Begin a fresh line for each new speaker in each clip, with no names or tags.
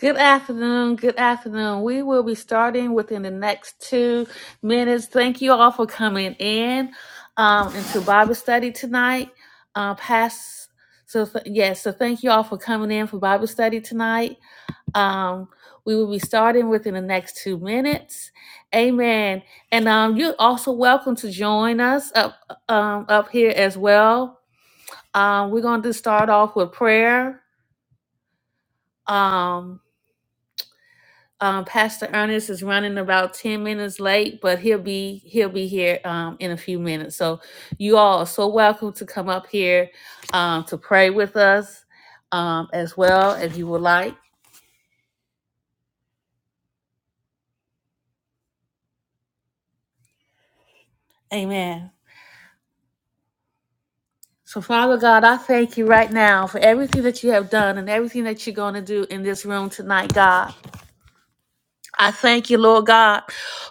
Good afternoon. Good afternoon. We will be starting within the next two minutes. Thank you all for coming in um, into Bible study tonight. Uh, past, so th- yes, so thank you all for coming in for Bible study tonight. Um, we will be starting within the next two minutes. Amen. And um, you're also welcome to join us up um, up here as well. Um, we're going to start off with prayer. Um. Um, Pastor Ernest is running about ten minutes late, but he'll be he'll be here um, in a few minutes. So you all are so welcome to come up here um, to pray with us um, as well, if you would like. Amen. So Father God, I thank you right now for everything that you have done and everything that you're going to do in this room tonight, God. I thank you, Lord God,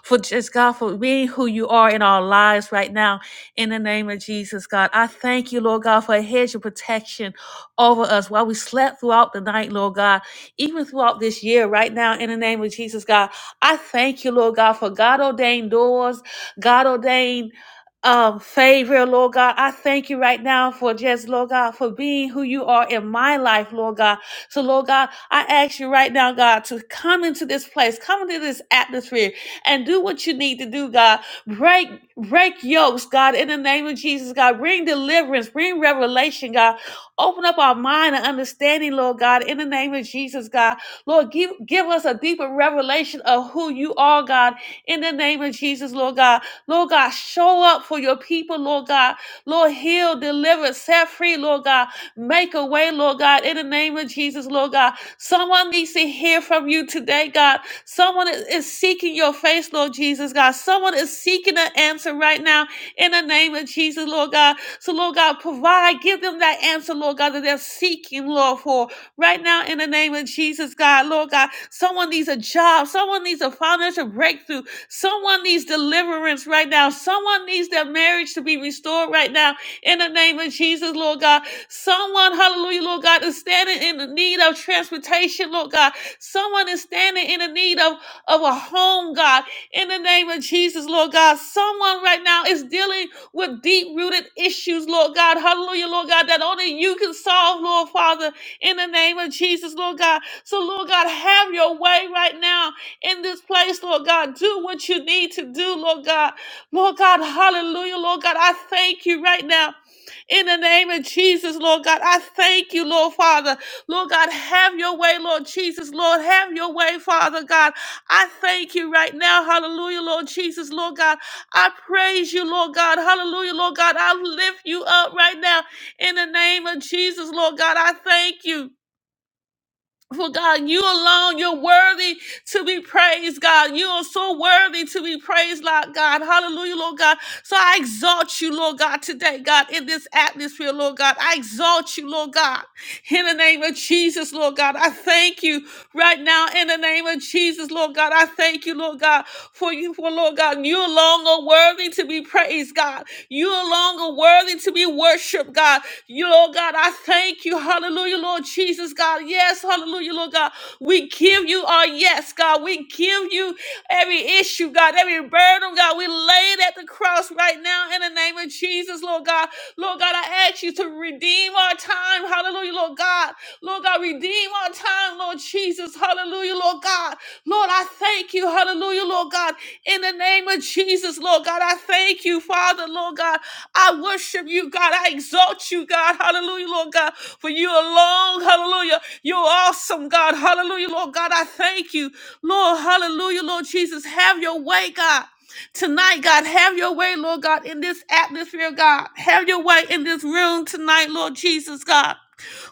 for just God, for being who you are in our lives right now. In the name of Jesus, God. I thank you, Lord God, for a hedge of protection over us while we slept throughout the night, Lord God, even throughout this year right now. In the name of Jesus, God. I thank you, Lord God, for God ordained doors, God ordained um, favor, Lord God. I thank you right now for just, Lord God, for being who you are in my life, Lord God. So, Lord God, I ask you right now, God, to come into this place, come into this atmosphere, and do what you need to do, God. Break, break yokes, God, in the name of Jesus, God. Bring deliverance, bring revelation, God. Open up our mind and understanding, Lord God, in the name of Jesus, God. Lord, give, give us a deeper revelation of who you are, God, in the name of Jesus, Lord God. Lord God, show up for your people, Lord God. Lord, heal, deliver, set free, Lord God. Make a way, Lord God, in the name of Jesus, Lord God. Someone needs to hear from you today, God. Someone is is seeking your face, Lord Jesus, God. Someone is seeking an answer right now in the name of Jesus, Lord God. So, Lord God, provide, give them that answer, Lord God, that they're seeking, Lord, for right now in the name of Jesus, God. Lord God, someone needs a job. Someone needs a financial breakthrough. Someone needs deliverance right now. Someone needs their marriage to be restored right now in the name of Jesus, Lord God. Someone, hallelujah, Lord God, is standing in the need of transportation, Lord God. Someone is standing in the need of, of a home, God, in the name of Jesus, Lord God. Someone right now is dealing with deep rooted issues, Lord God, hallelujah, Lord God, that only you can solve, Lord Father, in the name of Jesus, Lord God. So, Lord God, have your way right now in this place, Lord God. Do what you need to do, Lord God. Lord God, hallelujah, Lord God. I thank you right now in the name of Jesus, Lord God. I thank you, Lord Father. Lord God, have your way, Lord Jesus. Lord, have your way, Father God. I thank you right now. Hallelujah, Lord Jesus, Lord God. I praise you, Lord God. Hallelujah, Lord God. I lift you up right now in the name of Jesus, Lord God. I thank you. For God, you alone, you're worthy to be praised, God. You are so worthy to be praised, Lord God. Hallelujah, Lord God. So I exalt you, Lord God, today, God, in this atmosphere, Lord God. I exalt you, Lord God. In the name of Jesus, Lord God, I thank you right now. In the name of Jesus, Lord God, I thank you, Lord God, for you, for Lord God, you alone are worthy to be praised, God. You alone are worthy to be worshiped, God. You, Lord God, I thank you. Hallelujah, Lord Jesus, God. Yes, hallelujah, Lord God. We give you our yes, God. We give you every issue, God, every burden, God. We lay it at the cross right now in the name of Jesus, Lord. Lord God. Lord God, I ask you to redeem our time. Hallelujah, Lord God. Lord God, redeem our time, Lord Jesus. Hallelujah, Lord God. Lord, I thank you. Hallelujah, Lord God. In the name of Jesus, Lord God, I thank you, Father, Lord God. I worship you, God. I exalt you, God. Hallelujah, Lord God. For you alone, hallelujah. You're awesome, God. Hallelujah, Lord God. I thank you, Lord. Hallelujah, Lord Jesus. Have your way, God. Tonight, God, have your way, Lord God, in this atmosphere, God. Have your way in this room tonight, Lord Jesus, God.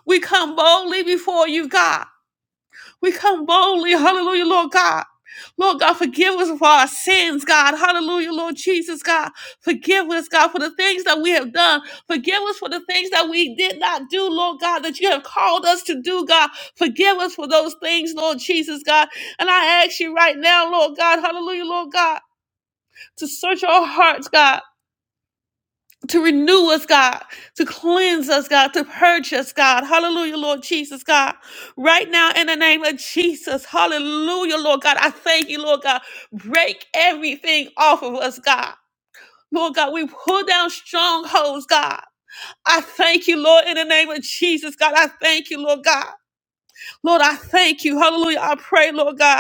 We come boldly before you, God. We come boldly, hallelujah, Lord God. Lord God, forgive us for our sins, God. Hallelujah, Lord Jesus, God. Forgive us, God, for the things that we have done. Forgive us for the things that we did not do, Lord God, that you have called us to do, God. Forgive us for those things, Lord Jesus, God. And I ask you right now, Lord God, hallelujah, Lord God to search our hearts, God, to renew us, God, to cleanse us, God, to purge us, God. Hallelujah, Lord Jesus, God. Right now, in the name of Jesus, hallelujah, Lord God. I thank you, Lord God. Break everything off of us, God. Lord God, we pull down strongholds, God. I thank you, Lord, in the name of Jesus, God. I thank you, Lord God. Lord, I thank you. Hallelujah. I pray, Lord God.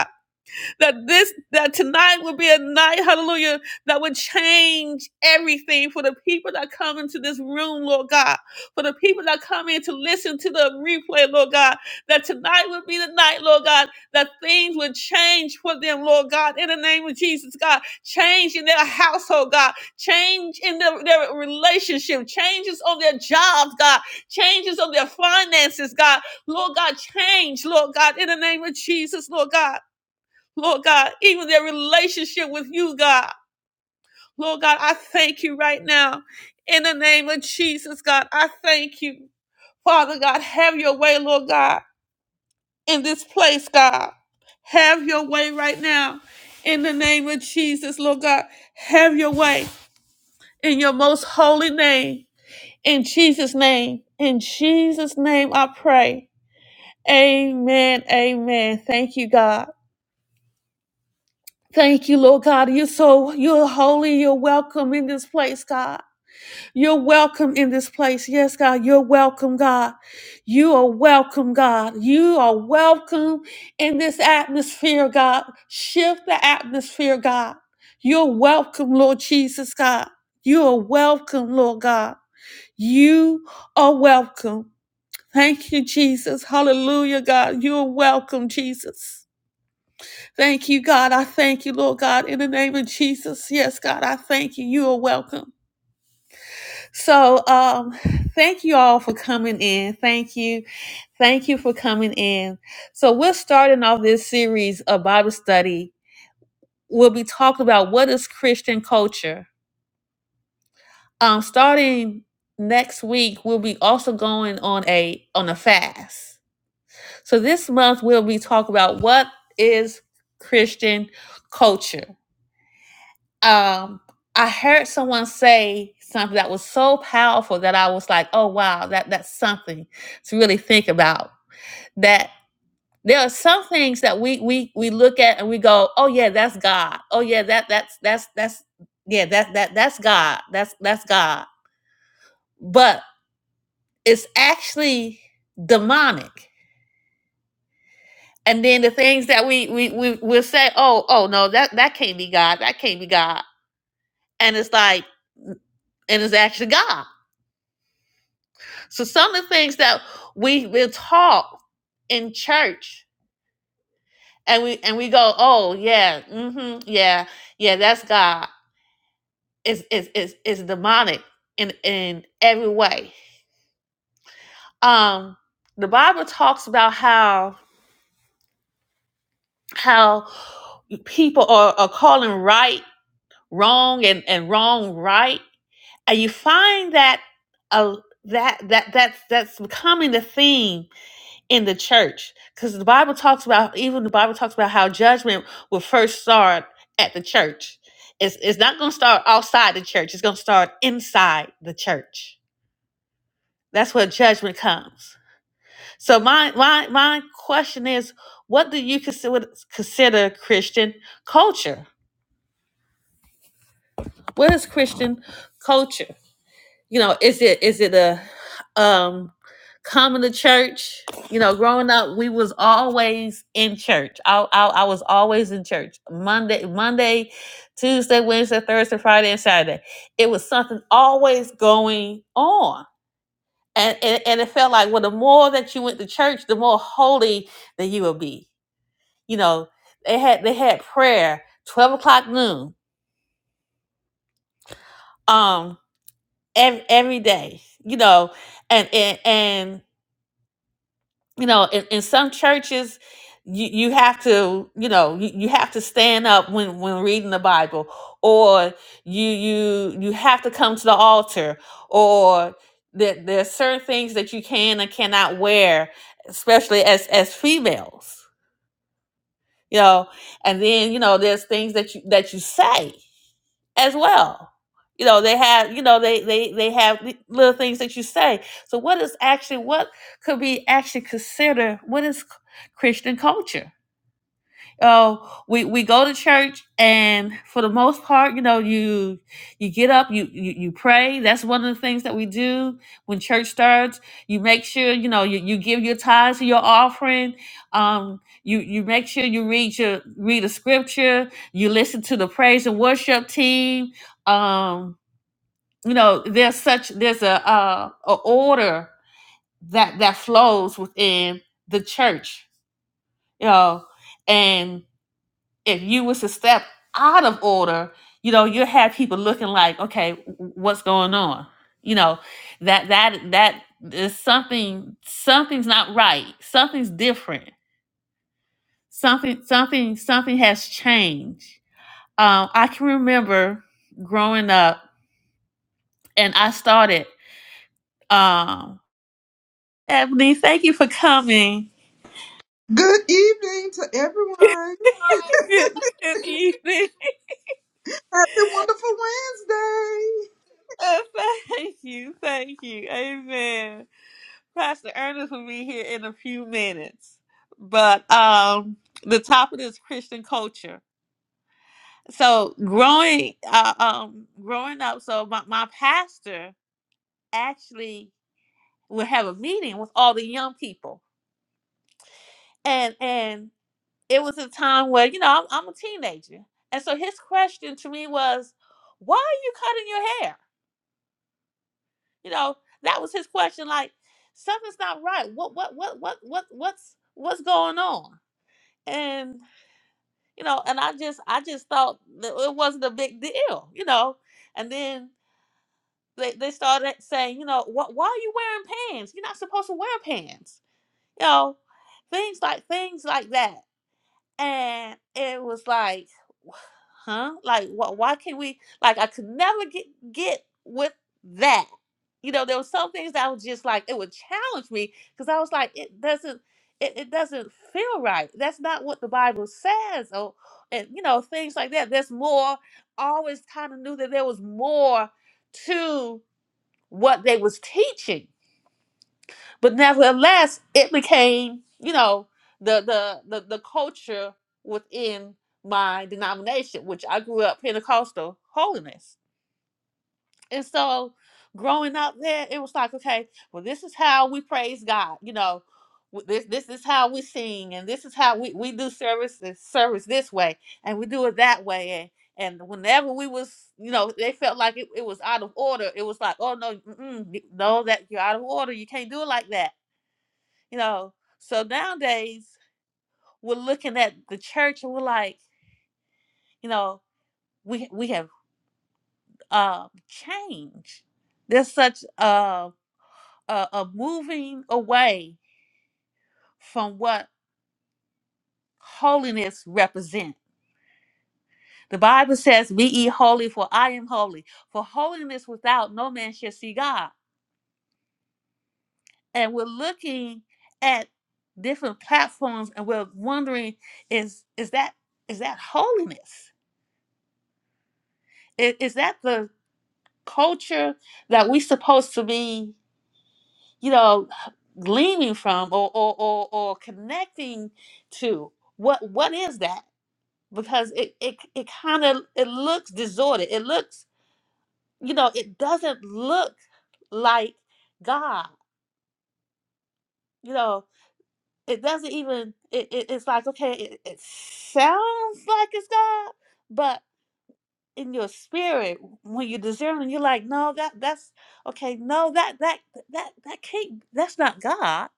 that this that tonight will be a night, hallelujah, that would change everything for the people that come into this room, Lord God. For the people that come in to listen to the replay, Lord God, that tonight will be the night, Lord God, that things would change for them, Lord God, in the name of Jesus, God. Change in their household, God. Change in their, their relationship. Changes on their jobs, God. Changes on their finances, God. Lord God, change, Lord God, in the name of Jesus, Lord God. Lord God, even their relationship with you, God. Lord God, I thank you right now. In the name of Jesus, God, I thank you. Father God, have your way, Lord God, in this place, God. Have your way right now. In the name of Jesus, Lord God, have your way in your most holy name. In Jesus' name, in Jesus' name, I pray. Amen. Amen. Thank you, God. Thank you, Lord God. You're so you're holy. You're welcome in this place, God. You're welcome in this place. Yes, God. You're welcome, God. You are welcome, God. You are welcome in this atmosphere, God. Shift the atmosphere, God. You're welcome, Lord Jesus, God. You are welcome, Lord God. You are welcome. Thank you, Jesus. Hallelujah, God. You are welcome, Jesus. Thank you, God. I thank you, Lord God, in the name of Jesus. Yes, God, I thank you. You are welcome. So, um, thank you all for coming in. Thank you. Thank you for coming in. So, we're starting off this series of Bible study. We'll be talking about what is Christian culture. Um, starting next week, we'll be also going on a on a fast. So this month we'll be talking about what is Christian culture. um I heard someone say something that was so powerful that I was like, oh wow, that that's something to really think about. That there are some things that we we we look at and we go, oh yeah, that's God. Oh yeah, that that's that's that's yeah, that that that's God. That's that's God. But it's actually demonic. And then the things that we we we will say, oh, oh no, that that can't be God. That can't be God. And it's like, and it's actually God So some of the things that we will talk in church and we and we go, oh yeah, hmm yeah, yeah, that's God. Is is is is demonic in in every way. Um the Bible talks about how how people are, are calling right wrong and, and wrong right. And you find that uh, that that that's that's becoming the theme in the church because the bible talks about even the bible talks about how judgment will first start at the church it's, it's not going to start outside the church it's going to start inside the church that's where judgment comes so my my my question is what do you consider consider christian culture what is christian culture you know is it is it a um coming to church you know growing up we was always in church i i, I was always in church monday monday tuesday wednesday thursday friday and saturday it was something always going on and, and and it felt like well the more that you went to church the more holy that you would be you know they had they had prayer 12 o'clock noon um every, every day you know and and and, you know in, in some churches you, you have to you know you, you have to stand up when when reading the bible or you you you have to come to the altar or there, there are certain things that you can and cannot wear especially as as females you know and then you know there's things that you that you say as well. You know, they have, you know, they they they have little things that you say. So what is actually what could be actually considered what is Christian culture? Oh, we we go to church, and for the most part, you know, you you get up, you you, you pray. That's one of the things that we do when church starts. You make sure you know you, you give your tithes to your offering. Um, you you make sure you read your read a scripture. You listen to the praise and worship team. Um, you know, there's such there's a uh, a order that that flows within the church. You know, and if you was to step out of order, you know, you have people looking like, okay, w- what's going on? You know, that that that is something something's not right. Something's different. Something something something has changed. Um, I can remember growing up and I started um Ebony, thank you for coming.
Good evening to everyone.
good, good evening.
Happy wonderful Wednesday.
thank you, thank you. Amen. Pastor Ernest will be here in a few minutes. But um, the topic is Christian culture. So growing, uh, um, growing up, so my, my pastor actually would have a meeting with all the young people, and and it was a time where you know I'm, I'm a teenager, and so his question to me was, "Why are you cutting your hair?" You know, that was his question. Like something's not right. What what what what what what's what's going on? And you know and i just i just thought that it wasn't a big deal you know and then they, they started saying you know wh- why are you wearing pants you're not supposed to wear pants you know things like things like that and it was like huh like what why can't we like i could never get get with that you know there were some things that I was just like it would challenge me because i was like it doesn't it, it doesn't feel right that's not what the bible says or and you know things like that there's more I always kind of knew that there was more to what they was teaching but nevertheless, it became, you know, the the the, the culture within my denomination, which I grew up Pentecostal holiness. And so growing up there, it was like, okay, well, this is how we praise God, you know. w- This, this is how we sing and this is how we, we do service service this way and we do it that way and and whenever we was, you know, they felt like it, it was out of order. It was like, oh no, mm-mm, no, that you're out of order. You can't do it like that. You know, so nowadays we're looking at the church and we're like, you know, we we have um changed. There's such a a, a moving away from what holiness represents. The Bible says, "Be ye holy, for I am holy." For holiness without no man shall see God. And we're looking at different platforms and we're wondering, is is that is that holiness? I- Is, that the culture that we supposed to be, you know, gleaming from or or or, or connecting to. What what is that? Because it it it kind of it looks disordered. It looks, you know, it doesn't look like God. You know, it doesn't even. It, it it's like okay, it, it sounds like it's God, but. in your spirit when you discern and you're like no that that's okay no that that that that can't that's not god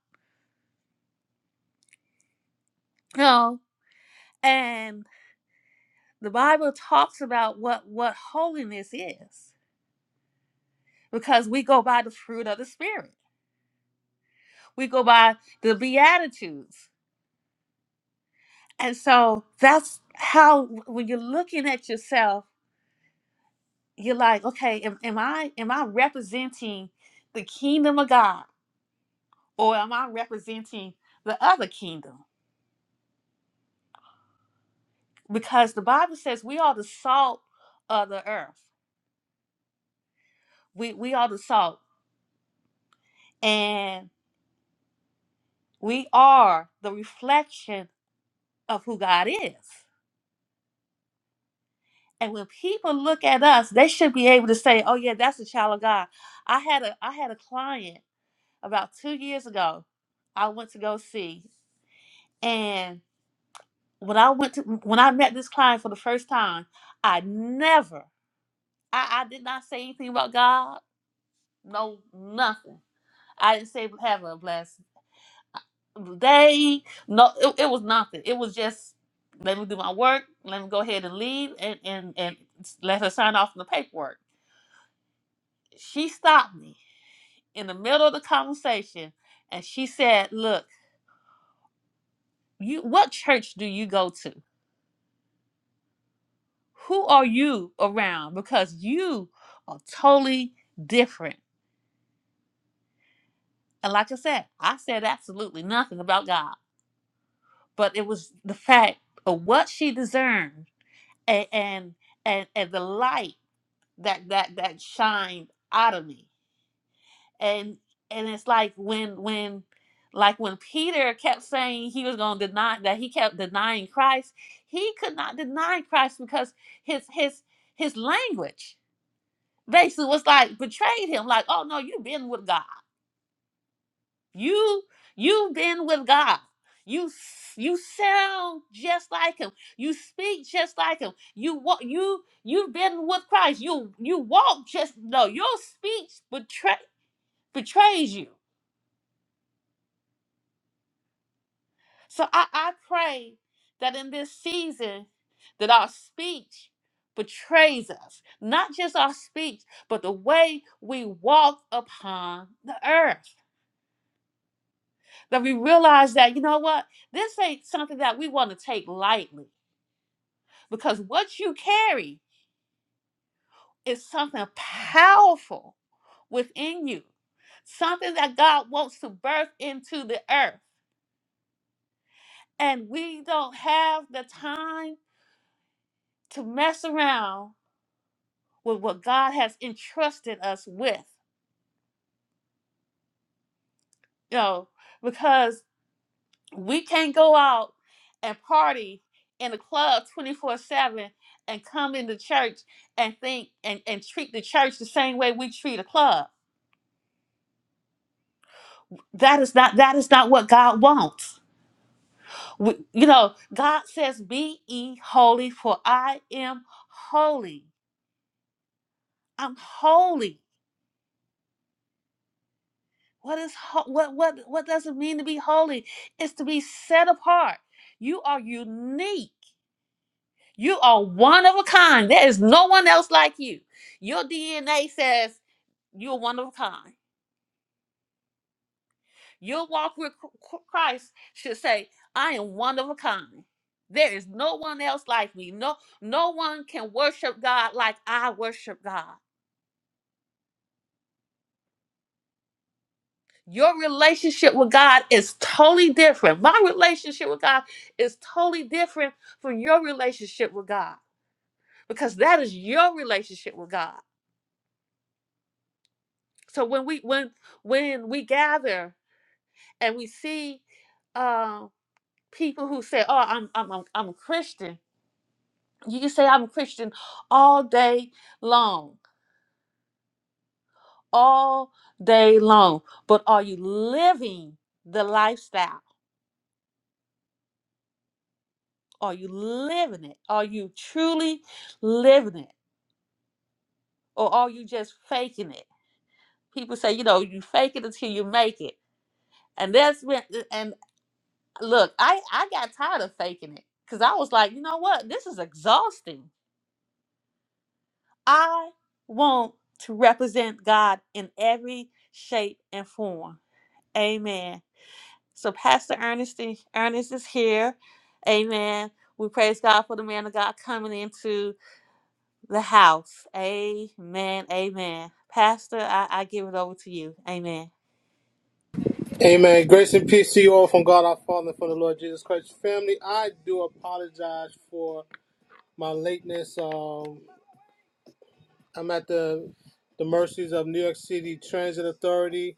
no and the bible talks about what what holiness is because we go by the fruit of the spirit we go by the beatitudes and so that's how when you're looking at yourself you're like okay am, am i am i representing the kingdom of god or am i representing the other kingdom because the Bible says we are the salt of the earth. We we are the salt, and we are the reflection of who God is. And when people look at us, they should be able to say, "Oh yeah, that's a child of God." I had a I had a client about two years ago. I went to go see, and when I went to when I met this client for the first time, I never I, I did not say anything about God. No, nothing. I didn't say have a blessing. they no it, it was nothing it was just let me do my work let me go ahead and leave and and, and let her sign off on the paperwork she stopped me in the middle of the conversation and she said look you what church do you go to who are you around because you are totally different and like i said i said absolutely nothing about god but it was the fact of what she discerned and and and, and the light that that that shined out of me and and it's like when when like when peter kept saying he was going to deny that he kept denying christ he could not deny christ because his his his language basically was like betrayed him like oh no you've been with god you you've been with God. You s- you sound just like him. You speak just like him. You walk you you've been with Christ. You you walk just no, your speech betray betrays you. So I, I pray that in this season that our speech betrays us. Not just our speech, but the way we walk upon the earth. That we realize that you know what? This ain't something that we want to take lightly because what you carry is something powerful within you, something that God wants to birth into the earth. And we don't have the time to mess around with what God has entrusted us with, you know, because we can't go out and party in a club 24 7 and come into church and think and, and treat the church the same way we treat a club. That is not that is not what God wants. We, you know, God says, Be ye holy, for I am holy. I'm holy. What is ho- what what what does it mean to be holy? It's to be set apart. You are unique. You are one of a kind. There is no one else like you. Your DNA says you're one of a kind. Your walk with Chr- Christ should say, I am one of a kind. There is no one else like me. No, no one can worship God like I worship God. Your relationship with God is totally different. My relationship with God is totally different from your relationship with God because that is your relationship with God. So when we when when we gather and we see um, people who say, "Oh, I'm I'm I'm, I'm a Christian," you can say, "I'm a Christian all day long, all day long." But are you living the lifestyle? Are you living it? Are you truly living it? or are you just faking it? People say, you know, you fake it until you make it. And that's when uh, and look, I I got tired of faking it cuz I was like, you know what? This is exhausting. I want to represent God in every shape and form. Amen. So Pastor Ernest Ernest is here. Amen. We praise God for the man of God coming into the house. Amen. Amen. Pastor, I, I give it over to you. Amen.
Amen. Grace and peace to you all from God our Father and from the Lord Jesus Christ. Family, I do apologize for my lateness. Um, I'm at the the mercies of New York City Transit Authority,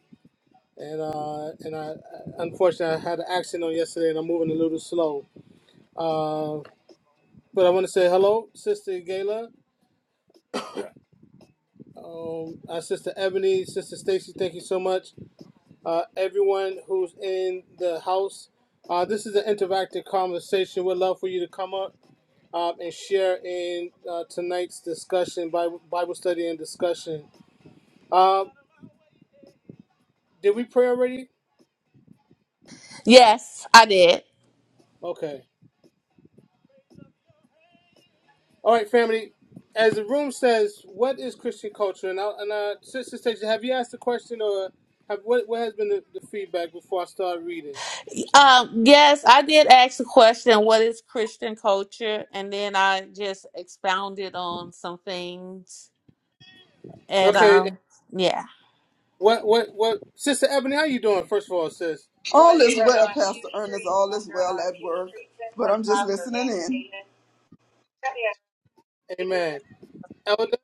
and uh, and I unfortunately I had an accident on yesterday, and I'm moving a little slow. Uh, but I want to say hello, Sister Gayla, um, uh, Sister Ebony, Sister Stacy. Thank you so much. Uh, everyone who's in the house. Uh, this is an interactive conversation. We'd love for you to come up um, and share in uh, tonight's discussion, Bible, Bible study and discussion. Um, did we pray already?
Yes, I did.
Okay. All right, family. As the room says, what is Christian culture? And, I, and uh, Sister Stacia, have you asked the question or have, what, what has been the, the feedback before I start reading?
Um, yes, I did ask the question, what is Christian culture? And then I just expounded on some things. And
Okay.
um, yeah.
What, what, what? Sister Ebony, how you doing, first of all, sis?
All is well, Pastor Ernest. All is well at work. But I'm just listening in.
Amen. Elder?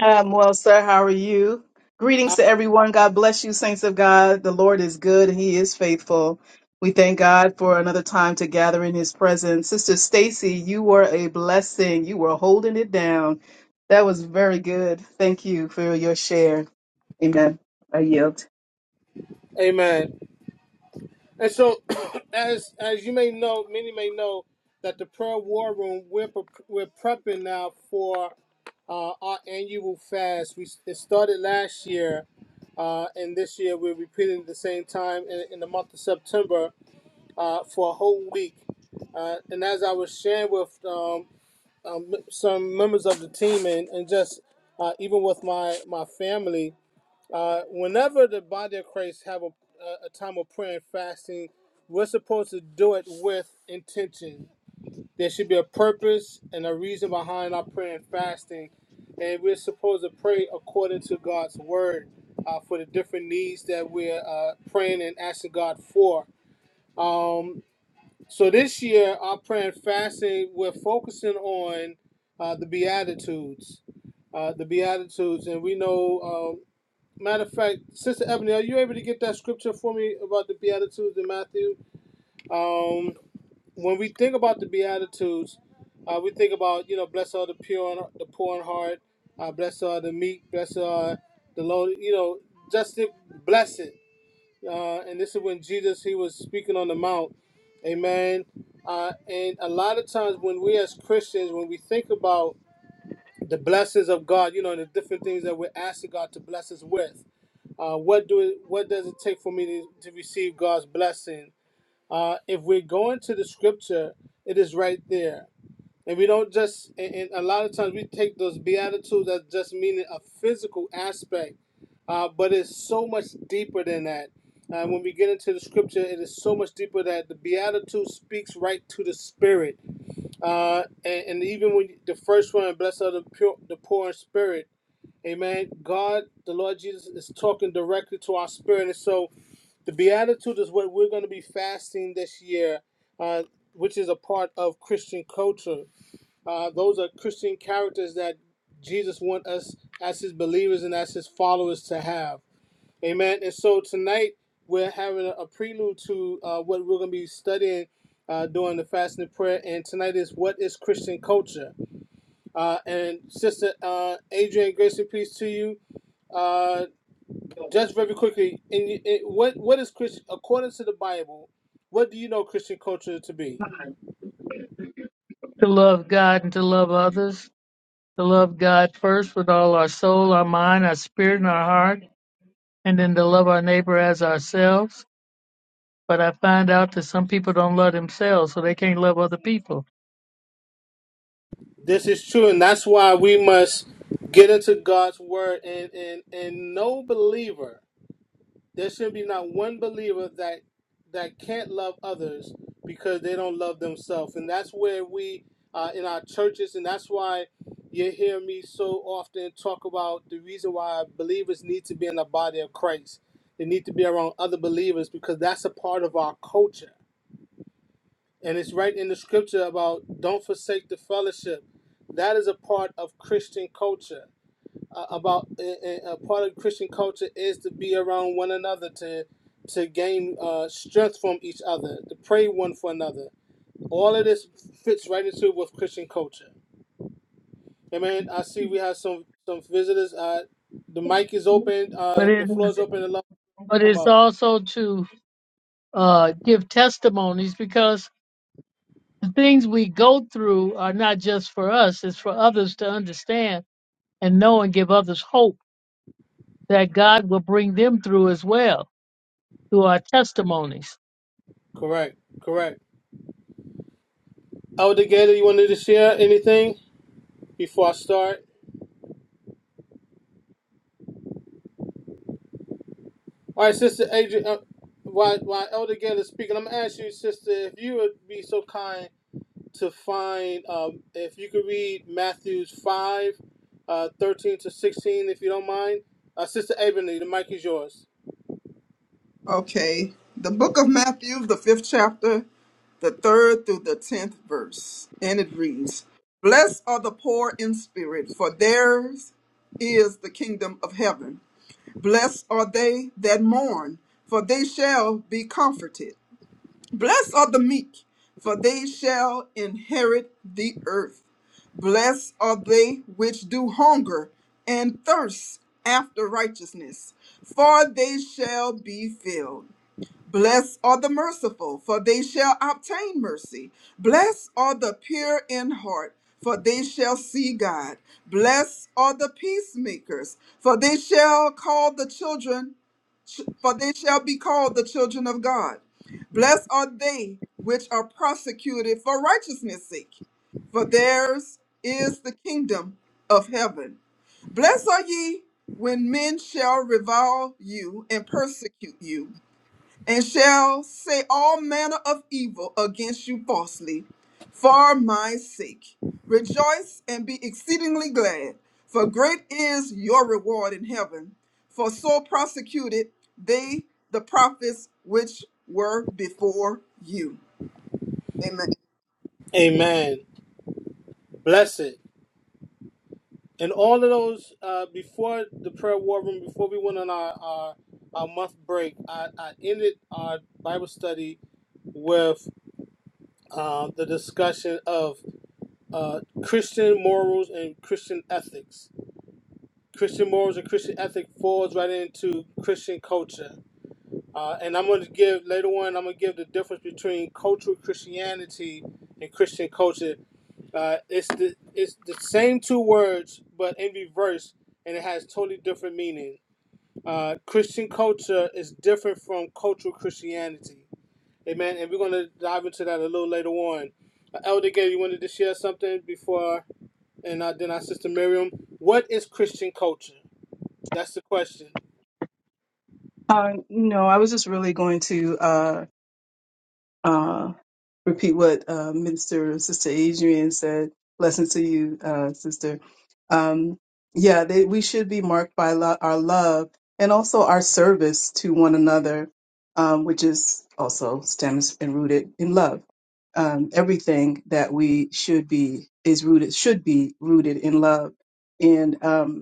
Um, well, sir, how are you? Greetings
Uh,
to everyone. God bless you, saints of God. The Lord is good and he is faithful. We thank God for another time to gather in his presence. Sister Stacy, you were a blessing. You were holding it down. That was very good. Thank you for your share. Amen. I yield.
amen. And so, as as you may know, many may know that the prayer war room we're pre- we're prepping now for uh, our annual fast. We it started last year, uh, and this year we're repeating at the same time in, in the month of September uh, for a whole week. Uh, and as I was sharing with um, um, some members of the team and, and just uh, even with my my family, uh, whenever the body of Christ have a, a time of prayer and fasting, we're supposed to do it with intention. There should be a purpose and a reason behind our prayer and fasting, and we're supposed to pray according to God's word uh, for the different needs that we're uh, praying and asking God for. Um, so this year, our prayer and fasting, we're focusing on uh, the Beatitudes, uh, the Beatitudes, and we know. Um, Matter of fact, Sister Ebony, are you able to get that scripture for me about the Beatitudes in Matthew? Um, when we think about the Beatitudes, uh, we think about you know, blessed are the pure, in, the poor in heart, uh, blessed are the meek, blessed are the lowly. You know, just the blessed. Uh, and this is when Jesus he was speaking on the mount, Amen. Uh, and a lot of times when we as Christians, when we think about the blessings of God, you know, and the different things that we're asking God to bless us with uh, what do it, what does it take for me to, to receive God's blessing? Uh, if we're going to the scripture, it is right there. And we don't just, and, and a lot of times we take those beatitudes as just meaning a physical aspect, uh, but it's so much deeper than that. Uh, when we get into the scripture, it is so much deeper that the beatitude speaks right to the spirit. Uh, and, and even when the first one, blessed are the pure, the poor in spirit. Amen. God, the Lord Jesus, is talking directly to our spirit. And so the Beatitude is what we're going to be fasting this year, uh, which is a part of Christian culture. Uh, those are Christian characters that Jesus wants us as his believers and as his followers to have. Amen. And so tonight we're having a, a prelude to uh, what we're going to be studying uh, during the fasting and prayer. And tonight is what is Christian culture? Uh, and Sister uh, Adrian, grace and peace to you. Uh, just very quickly, in, in what what is Christian according to the Bible? What do you know Christian culture to be?
to love God and to love others, to love God first with all our soul, our mind, our spirit, and our heart, and then to love our neighbor as ourselves. But I find out that some people don't love themselves, so they can't love other people.
This is true, and that's why we must get into God's word. And and and no believer there should be not one believer that that can't love others because they don't love themselves and that's where we uh, in our churches and that's why you hear me so often talk about the reason why believers need to be in the body of christ they need to be around other believers because that's a part of our culture and it's right in the scripture about don't forsake the fellowship that is a part of christian culture uh, about a uh, part of Christian culture is to be around one another to to gain uh, strength from each other, to pray one for another. All of this fits right into with Christian culture. Amen. I see we have some some visitors. Uh, the mic is open.
But
Uh, the
it
floor is
is,
open. Allow them
but
to come
it's
up.
also to uh, give testimonies because the things we go through are not just for us; it's for others to understand and know and give others hope that God will bring them through as well through our testimonies.
Correct. Correct. Elder Gator, you wanted to share anything before I start? All right, Sister Adrian. Uh, while, while Elder Gator is speaking, I'm gonna ask you, Sister, if you would be so kind to find um, if you could read Matthew's 5, uh, 13 to 16, if you don't mind. Uh, Sister Ebony, the mic is yours.
Okay. The book of Matthew, the fifth chapter, the third through the tenth verse. And it reads Blessed are the poor in spirit, for theirs is the kingdom of heaven. Blessed are they that mourn, for they shall be comforted. Blessed are the meek, for they shall inherit the earth. Blessed are they which do hunger and thirst after righteousness, for they shall be filled. Blessed are the merciful, for they shall obtain mercy. Blessed are the pure in heart, for they shall see God. Blessed are the peacemakers, for they shall call the children, for they shall be called the children of God. Blessed are they which are persecuted for righteousness' sake, for theirs is the kingdom of heaven. Blessed are ye when men shall revile you and persecute you and shall say all manner of evil against you falsely for my sake. Rejoice and be exceedingly glad, for great is your reward in heaven. For so persecuted they the prophets which were before you. Amen.
Amen. Bless it. And all of those uh, before the prayer war room, before we went on our, our, our month break, I, I ended our Bible study with uh, the discussion of uh, Christian morals and Christian ethics. Christian morals and Christian ethic falls right into Christian culture. Uh, and I'm going to give later on. I'm going to give the difference between cultural Christianity and Christian culture. Uh, it's the it's the same two words, but in reverse, and it has totally different meaning. Uh, Christian culture is different from cultural Christianity. Amen. And we're going to dive into that a little later on. Uh, Elder Gay, you wanted to share something before, and uh, then our sister Miriam. What is Christian culture? That's the question.
Uh, no, I was just really going to uh, repeat what uh, Minister Sister Adrian said. Blessings to you, uh, Sister. Um, yeah, they, we should be marked by lo- our love and also our service to one another, um, which is also stems and rooted in love. Um, everything that we should be is rooted should be rooted in love, and um,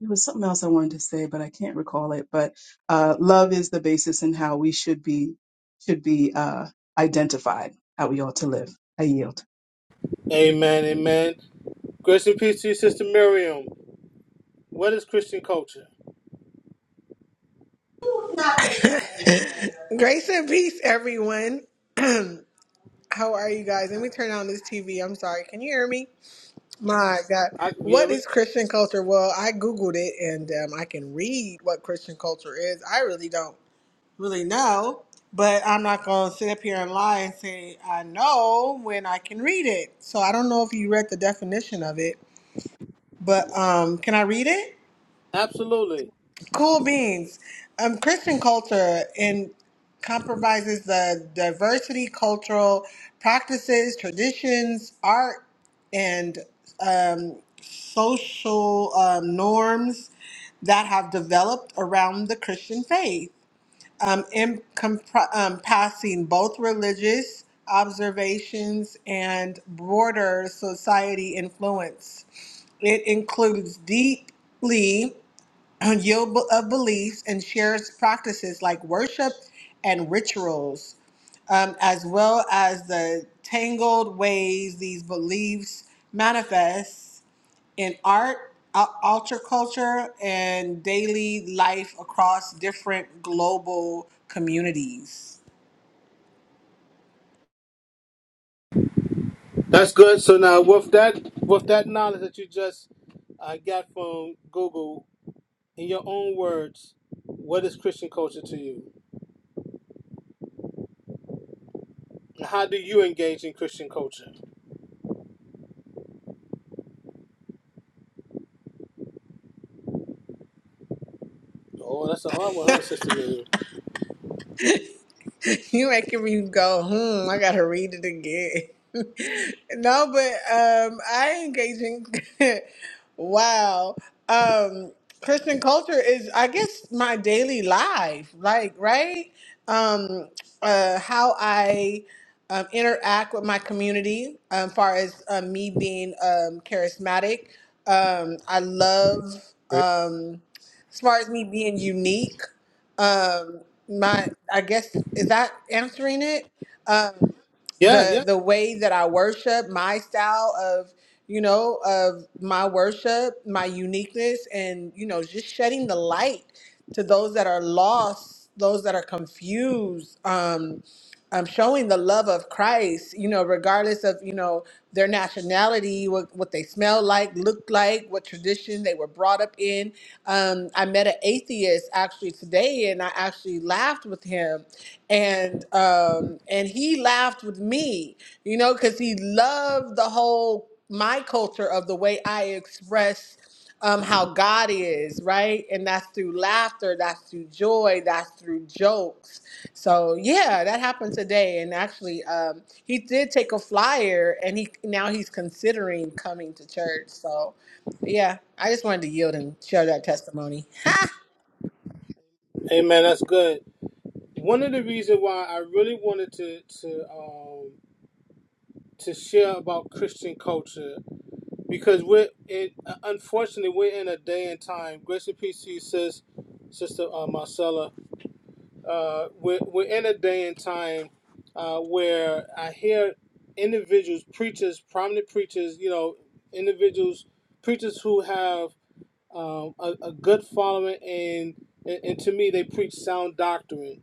there was something else I wanted to say, but I can't recall it. But uh, love is the basis in how we should be should be uh, identified, how we ought to live. I yield.
Amen. Amen. Grace and peace to you, sister Miriam. What is Christian culture?
Grace and peace, everyone. How are you guys? Let me turn on this TV. I'm sorry. Can you hear me? My God.
I, yeah,
What
we
is Christian culture? Well, I Googled it and um, I can read what Christian culture is. I really don't really know, but I'm not going to sit up here and lie and say I know when I can read it. So I don't know if you read the definition of it, but um, can I read it?
absolutely.
Cool beans. Um, Christian culture in compromises the diversity, cultural practices, traditions, art, and um, social um, norms that have developed around the Christian faith, um, in compr- um, passing both religious observations and broader society influence. It includes deeply on your b- of beliefs and shares practices like worship and rituals, um, as well as the tangled ways these beliefs manifest in art, al- alter culture, and daily life across different global communities.
That's good. So now, with that, with that knowledge that you just uh, got from Google, in your own words, what is Christian culture to you? And How do you engage in Christian culture? Oh, that's a hard one, huh, Sister Miriam?
you making me go, hmm, I gotta read it again. no, but um I engage in wow. Um Christian culture is I guess my daily life, like right? Um uh how I um, interact with my community um, far as uh, me being um, charismatic. Um, I love
Right.
um, as far as me being unique um my i guess is that answering it um
Yeah,
the
yeah.
the way that i worship my style of you know of my worship my uniqueness and you know just shedding the light to those that are lost those that are confused um um, showing the love of Christ, you know, regardless of, you know, their nationality, what, what they smell like, look like, what tradition they were brought up in. Um, I met an atheist actually today and I actually laughed with him and um, and he laughed with me, you know, because he loved the whole my culture of the way I express um, how God is, right? And that's through laughter, that's through joy, that's through jokes so yeah, that happened today, and actually, um, he did take a flyer, and he now he's considering coming to church. So yeah, I just wanted to yield and share that testimony. Ha!
Hey, man, that's good. One of the reasons why I really wanted to to um, to share about Christian culture because we're it unfortunately we're in a day and time grace and peace to you sis sister uh, marcella uh, we're, we're in a day and time uh, where i hear individuals preachers prominent preachers you know individuals preachers who have um, a, a good following and, and and to me they preach sound doctrine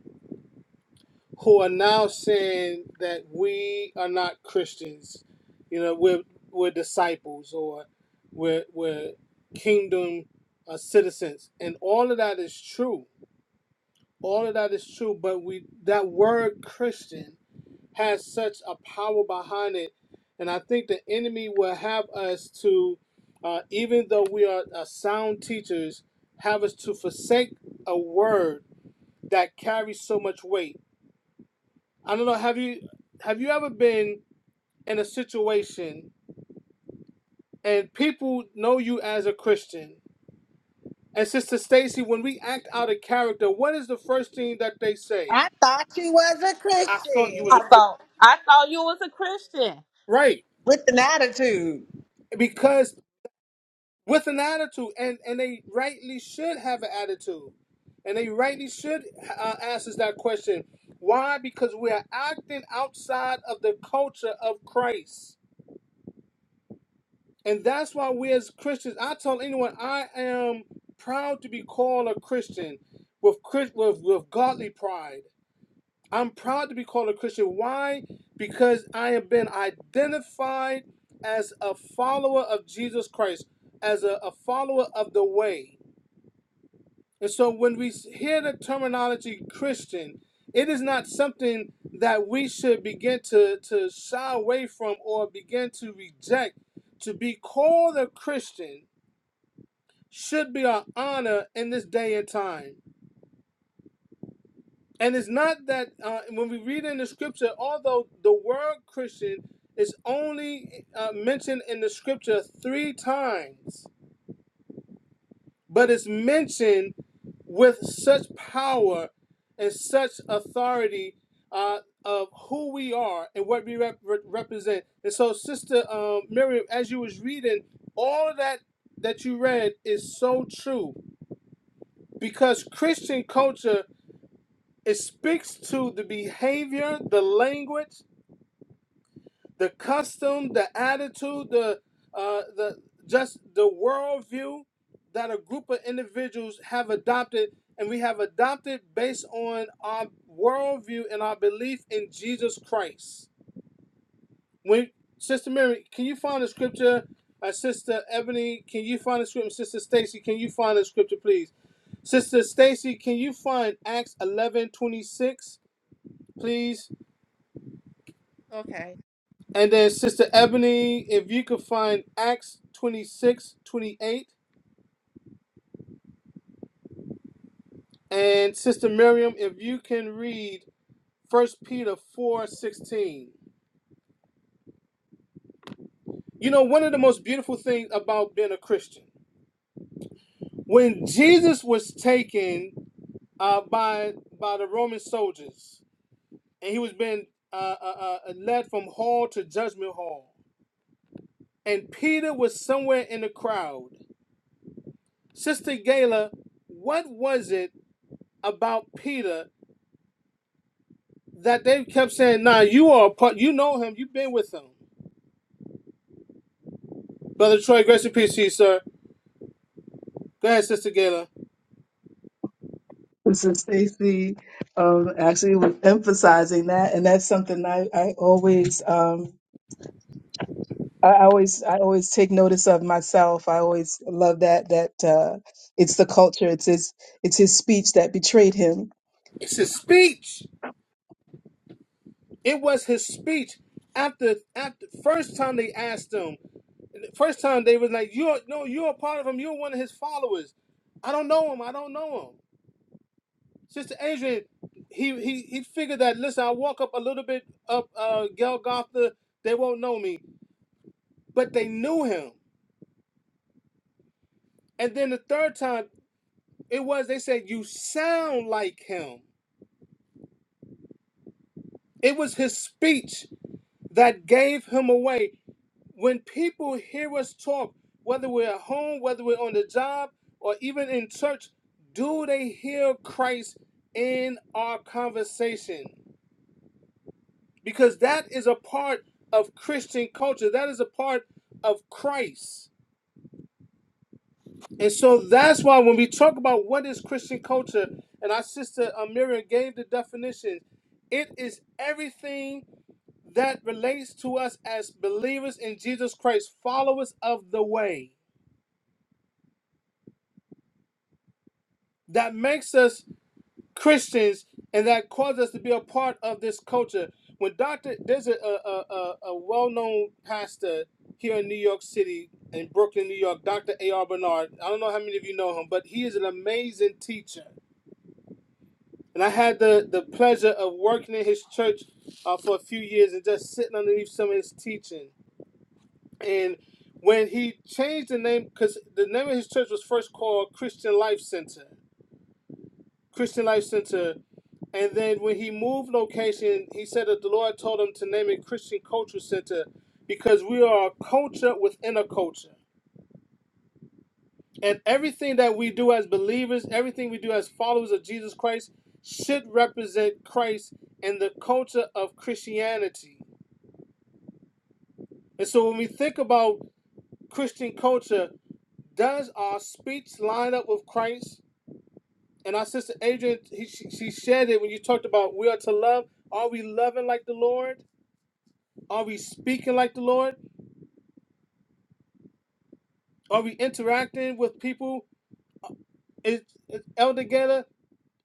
who are now saying that we are not Christians. You know, we're we're disciples or we're we're kingdom uh, citizens, and all of that is true. All of that is true, but we that word Christian has such a power behind it, and I think the enemy will have us to, uh, even though we are uh, sound teachers, have us to forsake a word that carries so much weight I don't know. Have you have you ever been in a situation and people know you as a Christian? And Sister Stacy, when we act out of character, what is the first thing that they say?
I thought you was a
I thought you was
I
a
Christian
Christian.
thought I thought you was a Christian.
Right.
with an attitude.
Because with an attitude, and, and they rightly should have an attitude. And they rightly should uh, ask us that question. Why? Because we are acting outside of the culture of Christ. And that's why we as Christians, I tell anyone, I am proud to be called a Christian with with, with godly pride. I'm proud to be called a Christian. Why? Because I have been identified as a follower of Jesus Christ, as a, a follower of the way. And so when we hear the terminology Christian, it is not something that we should begin to, to shy away from or begin to reject. To be called a Christian should be our honor in this day and time. And it's not that uh, when we read in the scripture, although the word Christian is only uh, mentioned in the scripture three times, but it's mentioned with such power and such authority uh, of who we are and what we rep- represent. And so, Sister um, Miriam, as you was reading, all of that that you read is so true because Christian culture It speaks to the behavior, the language, the custom, the attitude, the uh, the just the worldview that a group of individuals have adopted, and we have adopted based on our worldview and our belief in Jesus Christ. When Sister Mary, can you find the scripture? Uh, Sister Ebony, can you find the scripture? Sister Stacy, can you find the scripture, please? Sister Stacy, can you find Acts eleven twenty six, please?
Okay.
And then Sister Ebony, if you could find Acts 26 28, And Sister Miriam, if you can read First Peter 4 16, You know, one of the most beautiful things about being a Christian, when Jesus was taken uh, by, by the Roman soldiers and he was being uh, uh, uh, led from hall to judgment hall, and Peter was somewhere in the crowd, Sister Gayla, what was it about Peter that they kept saying, "Nah, you are a part. You know him. You've been with him." Brother Troy, grace and peace to you, sir. Go ahead, Sister Gayla.
And So Stacey um, actually was emphasizing that, and that's something I, I always um, I I always I always take notice of myself. I always love that that uh, it's the culture, it's his it's his speech that betrayed him
It's his speech. It was his speech. After, after first time they asked him, first time they was like, "You are no, you're a part of him. You're one of his followers." I don't know him. I don't know him. Sister Adrian, he he he figured that. Listen, I walk up a little bit up uh, Golgotha, they won't know me, but they knew him. And then the third time It was, they said, you sound like him. It was his speech that gave him away. When people hear us talk, whether we're at home, whether we're on the job, or even in church, do they hear Christ in our conversation? Because that is a part of Christian culture, that is a part of Christ. And so that's why when we talk about what is Christian culture, and our sister uh, Miriam gave the definition, it is everything that relates to us as believers in Jesus Christ, followers of the way, that makes us Christians and that causes us to be a part of this culture. When Dr. There's a, a, a, a well known pastor here in New York City, in Brooklyn, New York, Dr. A.R. Bernard. I don't know how many of you know him, but he is an amazing teacher. And I had the, the pleasure of working in his church uh, for a few years and just sitting underneath some of his teaching. And when he changed the name, because the name of his church was first called Christian Life Center, Christian Life Center. And then when he moved location, he said that the Lord told him to name it Christian Culture Center because we are a culture within a culture. And everything that we do as believers, everything we do as followers of Jesus Christ, should represent Christ and the culture of Christianity. And so when we think about Christian culture, does our speech line up with Christ? And our sister Adrian, he, she, she shared it when you talked about we are to love. Are we loving like the Lord? Are we speaking like the Lord? Are we interacting with people? Is, is Elder Gaylor,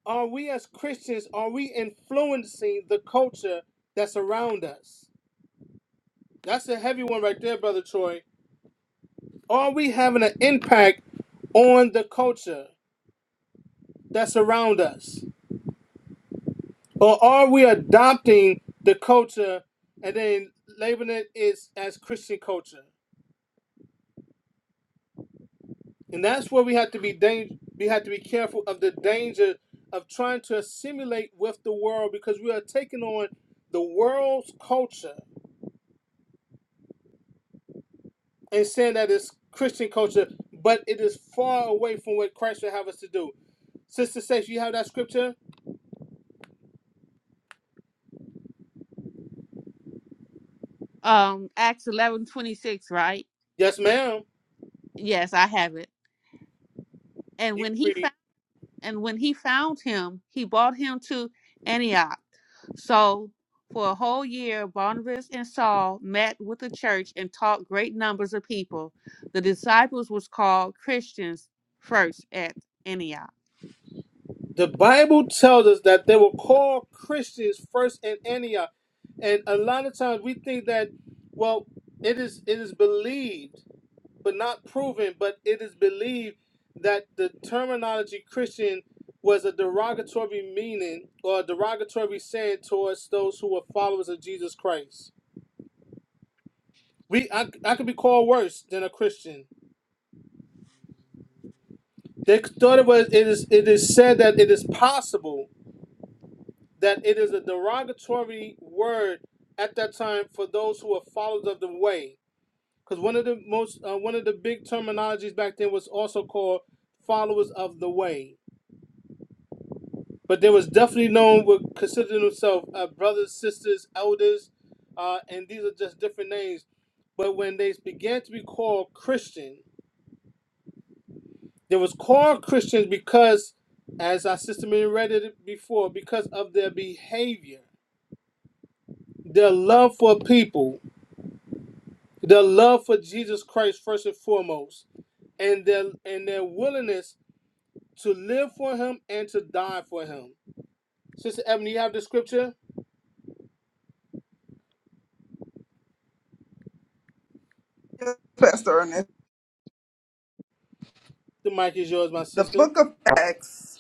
are we as Christians, are we influencing the culture that's around us? That's a heavy one right there, Brother Troy. Are we having an impact on the culture that's around us? Or are we adopting the culture and then labeling it is as Christian culture? And that's where we have to be dang- we have to be careful of the danger of trying to assimilate with the world because we are taking on the world's culture and saying that it's Christian culture, but it is far away from what Christ would have us to do. Sister Sage, you have that scripture?
Um, Acts eleven twenty six, right?
Yes, ma'am.
Yes, I have it. And
You can
when he
read.
and when he found him, he brought him to Antioch. So for a whole year, Barnabas and Saul met with the church and taught great numbers of people. The disciples was called Christians first at Antioch.
The Bible tells us that they were called Christians first in Antioch. And a lot of times we think that, well, it is it is believed but not proven, but it is believed that the terminology Christian was a derogatory meaning or a derogatory saying towards those who were followers of Jesus Christ. We I, I could be called worse than a Christian. They thought it was it is it is said that it is possible that it is a derogatory word at that time for those who are followers of the way. Because one of the most uh, one of the big terminologies back then was also called followers of the way but there was definitely known would considering themselves uh, brothers, sisters, elders, uh, and these are just different names. But when they began to be called Christian, they was called Christians because, as our sister Mary read it before, because of their behavior, their love for people, their love for Jesus Christ first and foremost, and their and their willingness to live for Him and to die for Him. Sister Ebony, you have the scripture.
Yes, Pastor Ernest,
The mic is yours, my
the
sister.
book of Acts.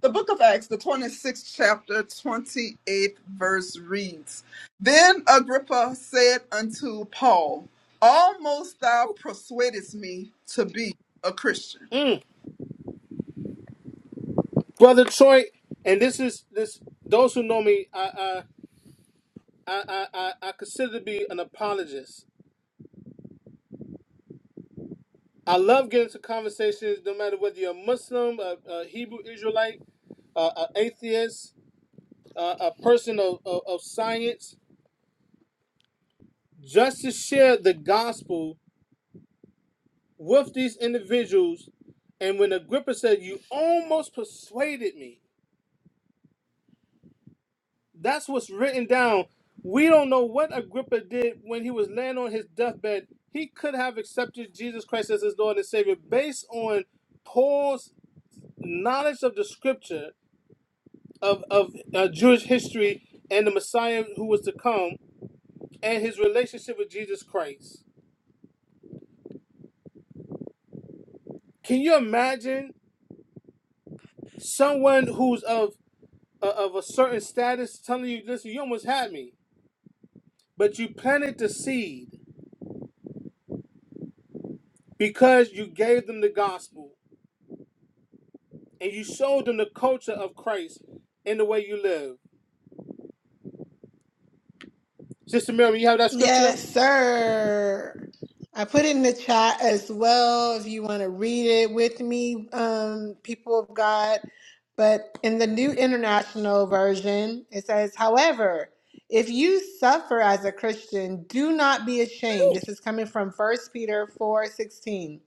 The book of Acts, the 26th chapter, 28th verse reads Then Agrippa said unto Paul, Almost thou persuadest me to be a Christian.
Mm. brother Troy, and this is this. Those who know me, I I I I, I I consider to be an apologist. I love getting into conversations, no matter whether you're a Muslim, a, a Hebrew Israelite, uh, an atheist, uh, a person of, of, of science, just to share the gospel with these individuals. And when Agrippa said, "You almost persuaded me," That's what's written down. We don't know what Agrippa did when he was laying on his deathbed. He could have accepted Jesus Christ as his Lord and Savior based on Paul's knowledge of the scripture, of, of uh, Jewish history, and the Messiah who was to come, and his relationship with Jesus Christ. Can you imagine someone who's of, uh, of a certain status telling you, listen, you almost had me, but you planted the seed because you gave them the gospel? and you showed them the culture of Christ in the way you live. Sister Miriam, you have that scripture?
Yes, sir. I put it in the chat as well if you want to read it with me, um, people of God. But in the New International Version, it says, however, if you suffer as a Christian, do not be ashamed. This is coming from First Peter 4 16.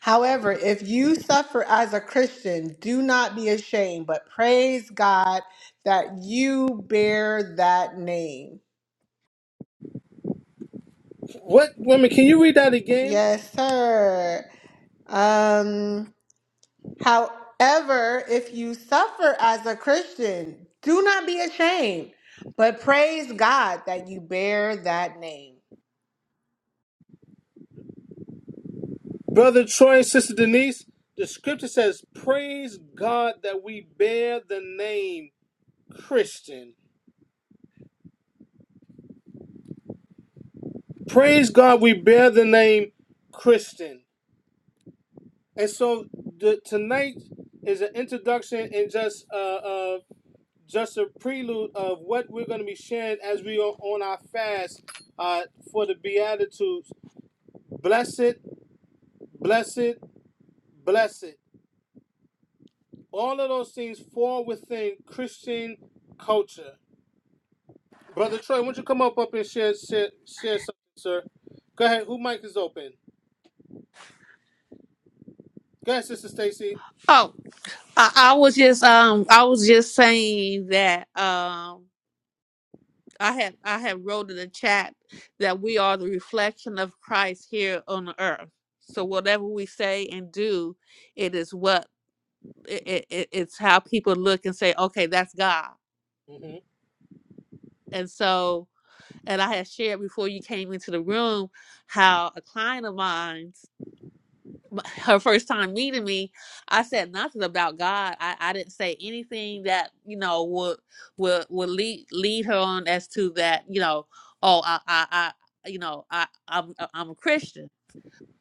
However, if you suffer as a Christian, do not be ashamed, but praise God that you bear that name.
What women, can you read that again?
Yes, sir. Um, however, if you suffer as a Christian, do not be ashamed, but praise God that you bear that name.
Brother Troy and Sister Denise, the scripture says, Praise God that we bear the name Christian. Praise God we bear the name Christian. And so the, tonight is an introduction and just uh, uh, just a prelude of what we're going to be sharing as we are on our fast uh, for the Beatitudes blessed, blessed, blessed. All of those things fall within Christian culture. Brother Troy, why don't you come up up and share share share something, sir? Go ahead. Who mic is open? Go ahead, Sister Stacy.
Oh, I, I was just um I was just saying that um I have I have wrote in the chat that we are the reflection of Christ here on the earth. So whatever we say and do, it is what it, it, it's how people look and say, okay, that's God.
hmm
And so, and I had shared before you came into the room how a client of mine. her first time meeting me, I said nothing about God. I, I didn't say anything that you know would would would lead lead her on as to that you know oh I I, I you know I I'm I'm a Christian,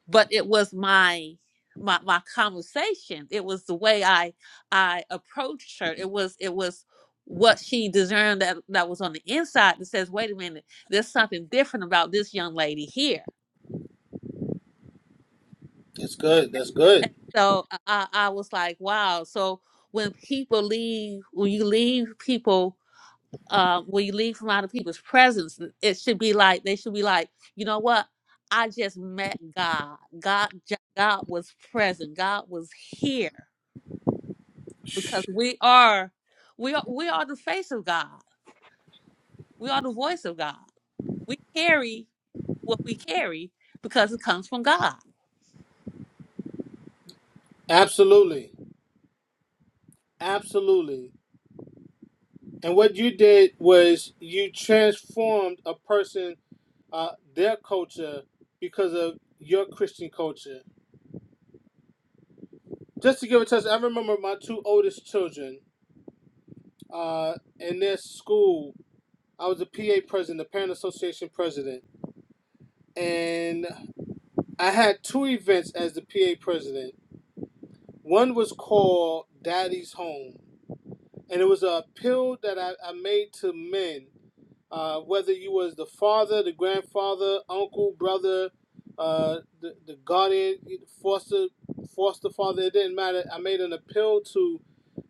but it was my my my conversation. It was the way I I approached her. It was it was what she discerned that that was on the inside that says wait a minute there's something different about this young lady here
That's good. That's
And
good.
so I, I I was like, wow. So when people leave, when you leave people, uh, when you leave from other people's presence, it should be like they should be like, you know what? I just met God. God, j- God was present. God was here because we are, we are, we are the face of God. We are the voice of God. We carry what we carry because it comes from God.
Absolutely, absolutely. And what you did was you transformed a person, uh, their culture, because of your Christian culture. Just to give a test, I remember my two oldest children. uh, in their school. I was a PA president, the Parent Association president, and I had two events as the PA president. One was called Daddy's Home, and it was a appeal that I, I made to men, uh, whether you was the father, the grandfather, uncle, brother, uh, the, the guardian, foster, foster father. It didn't matter. I made an appeal to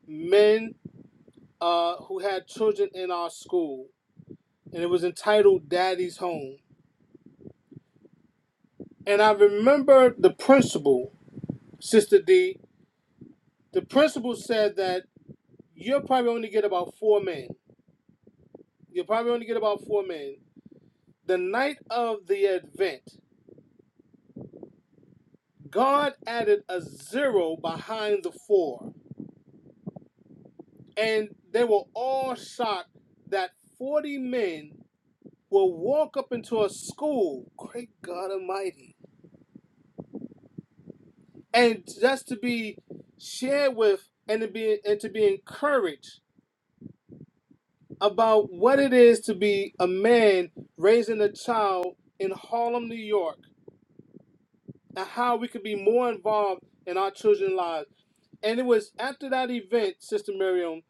men uh, who had children in our school and it was entitled Daddy's Home. And I remember the principal, Sister D, the principal said that you'll probably only get about four men. You'll probably only get about four men. The night of the event, God added a zero behind the four. And they were all shocked that 40 men will walk up into a school, great God Almighty, and just to be shared with and to be and to be encouraged about what it is to be a man raising a child in Harlem, New York, and how we could be more involved in our children's lives. And it was after that event, Sister Miriam,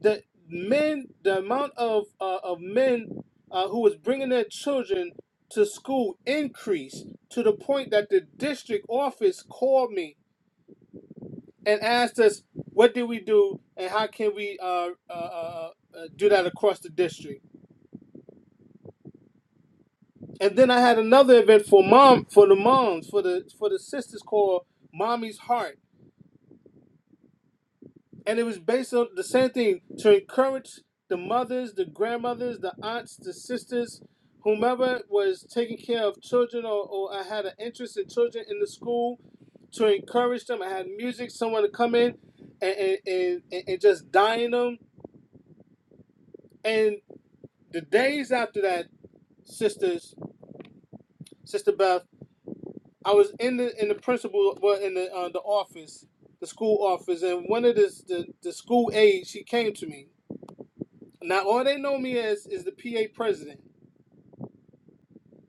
that men, the amount of uh, of men uh, who was bringing their children to school increased to the point that the district office called me and asked us, "What did we do, and how can we uh, uh, uh, uh, do that across the district?" and then I had another event for mom for the moms for the for the sisters called Mommy's Heart, and it was based on the same thing to encourage the mothers, the grandmothers, the aunts, the sisters, whomever was taking care of children or, or I had an interest in children in the school to encourage them. I had music, someone to come in and and, and, and and just dine them. And the days after that, sisters, Sister Beth. I was in the in the principal well in the uh, the office, the school office, and one of the the, the school aides she came to me. Now all they know me as is the PA president.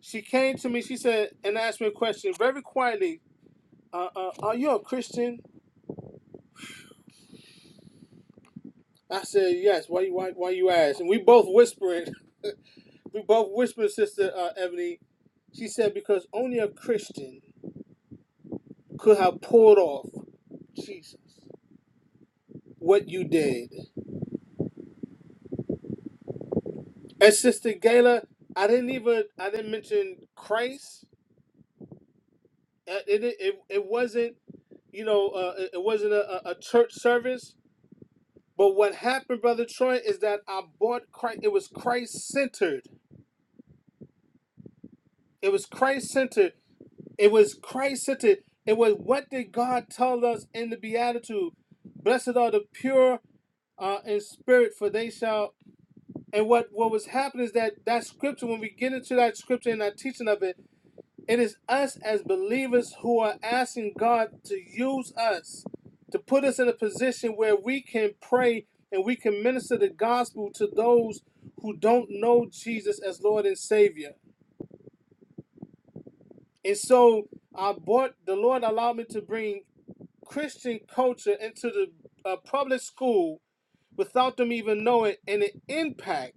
She came to me. She said and asked me a question very quietly. Uh, uh, are you a Christian? I said yes. Why you why, why you ask? And we both whispering. We both whispered, Sister uh, Ebony. She said because only a Christian could have pulled off Jesus what you did. And Sister Gayla, I didn't even I didn't mention Christ. Uh, It it it, it wasn't you know uh, it it wasn't a, a a church service. But what happened, Brother Troy, is that I bought Christ. It was Christ centered. It was Christ centered. It was Christ centered. It was what did God tell us in the Beatitude? Blessed are the pure uh, in spirit, for they shall. And what what was happening is that that scripture. When we get into that scripture and that teaching of it It is us as believers who are asking God to use us, to put us in a position where we can pray and we can minister the gospel to those who don't know Jesus as Lord and Savior. And so I brought the Lord allowed me to bring Christian culture into the uh, public school without them even knowing and it impact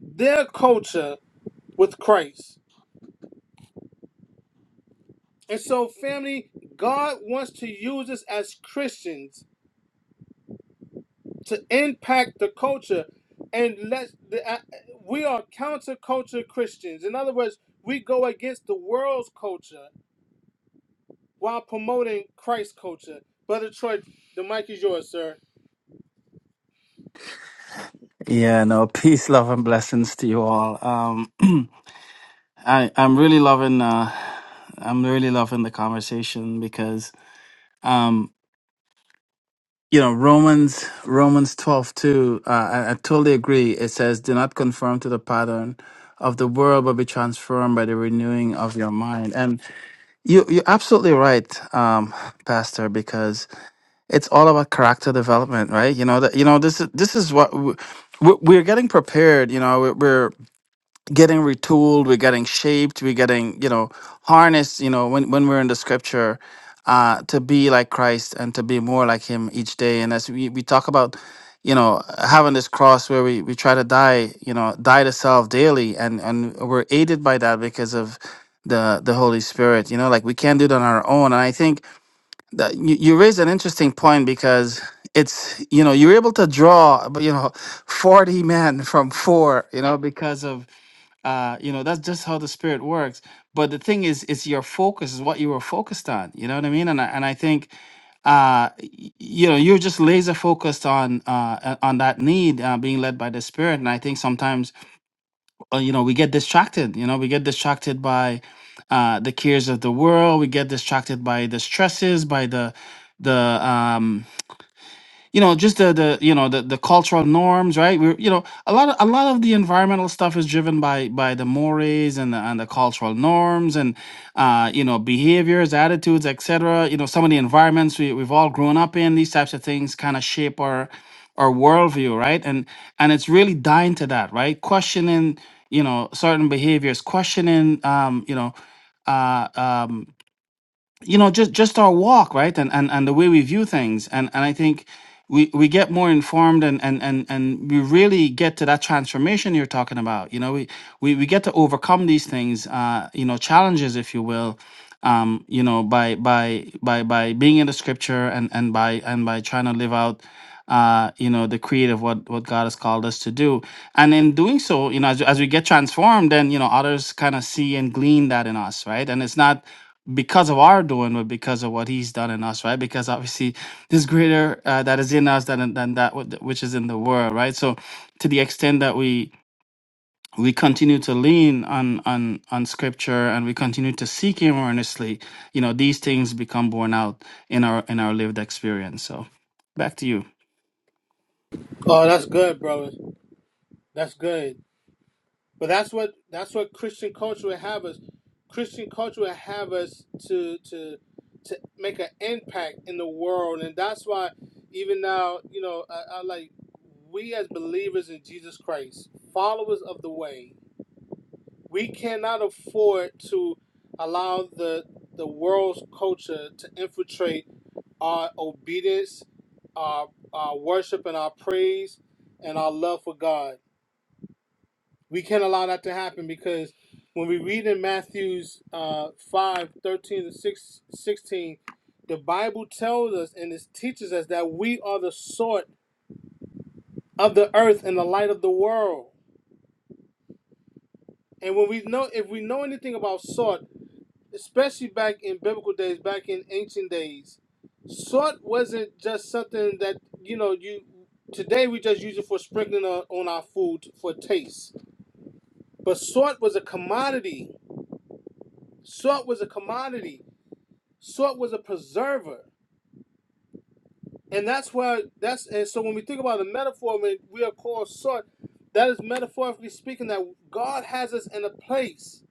their culture with Christ. And so, family, God wants to use us as Christians to impact the culture and let the, uh, we are counterculture christians in other words we go against the world's culture while promoting christ's culture brother troy the mic is yours sir
Yeah, no, peace, love, and blessings to you all. Um, I, I'm really loving, uh, I'm really loving the conversation because, um, you know, Romans, Romans 12 2. uh, I, I totally agree. It says, do not conform to the pattern of the world, but be transformed by the renewing of your mind. And you, you're absolutely right, um, Pastor, because it's all about character development, right? You know, that, you know, this is, this is what we, we're we're getting prepared, you know, we're, getting retooled we're getting shaped we're getting you know harnessed you know when, when we're in the scripture uh to be like christ and to be more like him each day and as we, we talk about you know having this cross where we, we try to die you know die to self daily and and we're aided by that because of the the holy spirit you know like we can't do it on our own and i think that you, you raise an interesting point because it's you know you're able to draw but you know 40 men from four you know because of uh you know that's just how the spirit works but the thing is it's your focus is what you were focused on you know what i mean and i, and I think uh y- you know you're just laser focused on uh uh, on that need uh, being led by the spirit and i think sometimes uh, you know we get distracted you know we get distracted by uh the cares of the world we get distracted by the stresses by the the um you know just the the you know the, the cultural norms right we are you know a lot of a lot of the environmental stuff is driven by by the mores and the, and the cultural norms and uh you know behaviors attitudes etc you know some of the environments we, we've all grown up in these types of things kind of shape our our worldview right and and it's really dying to that right questioning you know certain behaviors questioning um you know Uh, um, you know just just our walk right and and, and the way we view things and and i think we we get more informed and and and and we really get to that transformation you're talking about you know we we, we get to overcome these things uh you know challenges if you will um you know by by by by being in the scripture and and by and by trying to live out uh you know the creed of what what god has called us to do and in doing so you know as, as we get transformed then you know others kind of see and glean that in us right and it's not because of our doing, but because of what He's done in us, right? Because obviously, this greater uh, that is in us than than that wh- which is in the world, right? So, to the extent that we we continue to lean on on on Scripture and we continue to seek Him earnestly, you know, these things become borne out in our in our lived experience. So, back to you.
oh that's good brother that's good But that's what that's what Christian culture would have us. Christian culture would have us to to to make an impact in the world, and that's why even now, you know, I, I like we as believers in Jesus Christ, followers of the way, we cannot afford to allow the the world's culture to infiltrate our obedience, our our worship, and our praise, and our love for God we can't allow that to happen because when we read in Matthew's uh, 5 thirteen to 6, 16, the Bible tells us and it teaches us that we are the salt of the earth and the light of the world. And when we know, if we know anything about salt, especially back in biblical days, back in ancient days, salt wasn't just something that, you know, you today we just use it for sprinkling on, on our food for taste. But salt was a commodity. Salt was a commodity Salt was a preserver. And that's why that's and so when we think about the metaphor when we are called salt, that is metaphorically speaking that God has us in a place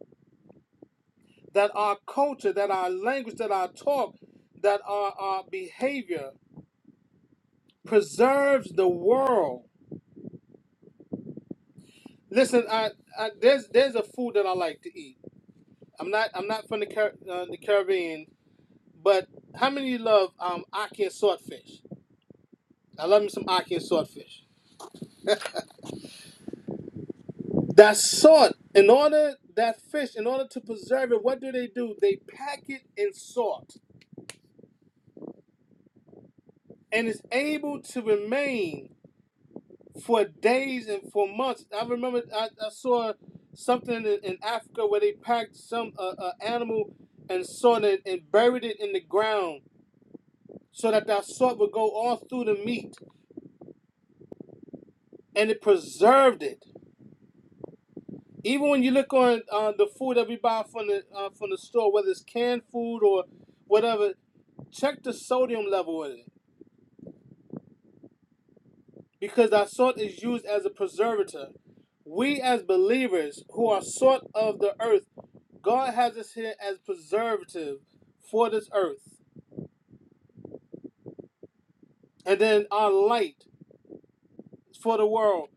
that our culture, that our language, that our talk, that our, our behavior preserves the world. Listen, I, I there's there's a food that I like to eat. I'm not I'm not from the Car- uh, the Caribbean, but how many of you love um, ackee and swordfish? I love me some ackee and swordfish. That salt, in order that fish, in order to preserve it, what do they do? They pack it in salt, and it's able to remain for days and for months. I remember I, I saw something in, in Africa where they packed some uh, uh, animal and salted it and buried it in the ground so that that salt would go all through the meat, and it preserved it. Even when you look on uh, the food that we buy from the uh, from the store, whether it's canned food or whatever, Check the sodium level in it because that salt is used as a preservative. We as believers who are salt of the earth, God has us here as preservative for this earth. And then our light for the world.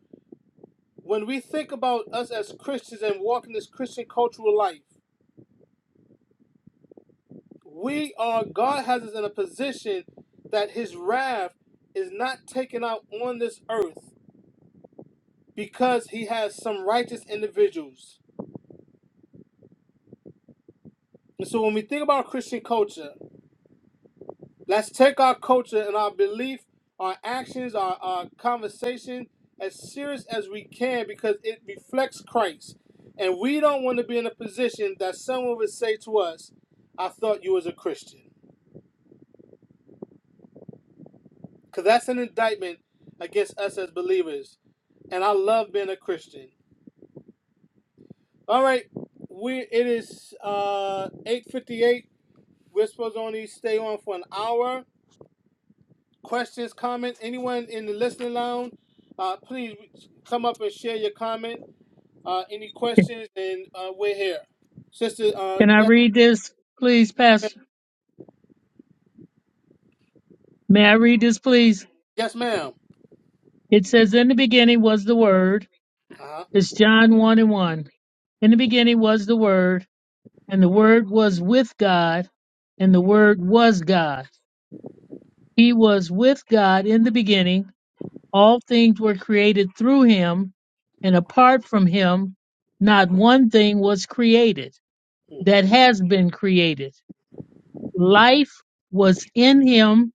When we think about us as Christians and walking this Christian cultural life, we are God has us in a position that his wrath is not taken out on this earth because he has some righteous individuals. And so when we think about Christian culture, let's take our culture and our belief, our actions, our, our conversation as serious as we can because it reflects Christ. And we don't want to be in a position that someone would say to us, I thought you was a Christian. Because that's an indictment against us as believers. And I love being a Christian. All right. We it is uh 858. We're supposed to only stay on for an hour. questions, comments, anyone in the listening lounge, uh, please come up and share your comment. Uh, any questions, and uh, we're here. Sister, uh,
Can I
yes,
read this, please, Pastor? May I read this, please?
yes ma'am.
It says, In the beginning was the Word.
Uh-huh.
It's John 1 and 1. In the beginning was the Word, and the Word was with God, and the Word was God. He was with God in the beginning. All things were created through him, and apart from him, not one thing was created that
hmm
has been created. Life was in him.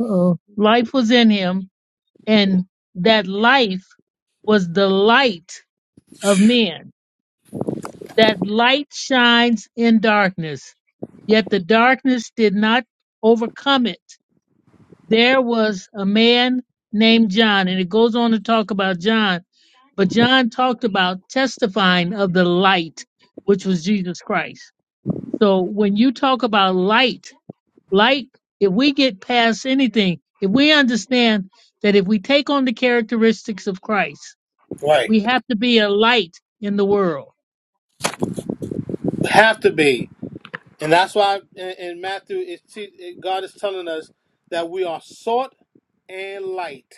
Uh-oh. Life was in him and that life was the light of men. That light shines in darkness, yet the darkness did not overcome it. There was a man named John, and it goes on to talk about John, but John talked about testifying of the light, which was Jesus Christ. So when you talk about light, light, if we get past anything, if we understand that if we take on the characteristics of Christ,
Right.
We have to be a light in the world.
Have to be. And that's why in, in Matthew, it, te- God is telling us that we are sought and light.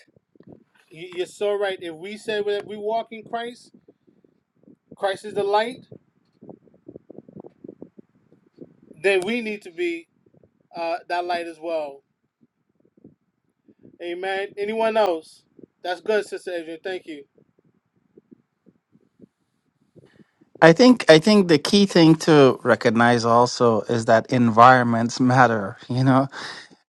You- You're so right. If we say that we walk in Christ, Christ is the light, then we need to be uh, that light as well. Amen. Anyone else? That's good, Sister Adrian. Thank you.
I think I think the key thing to recognize also is that environments matter. You know,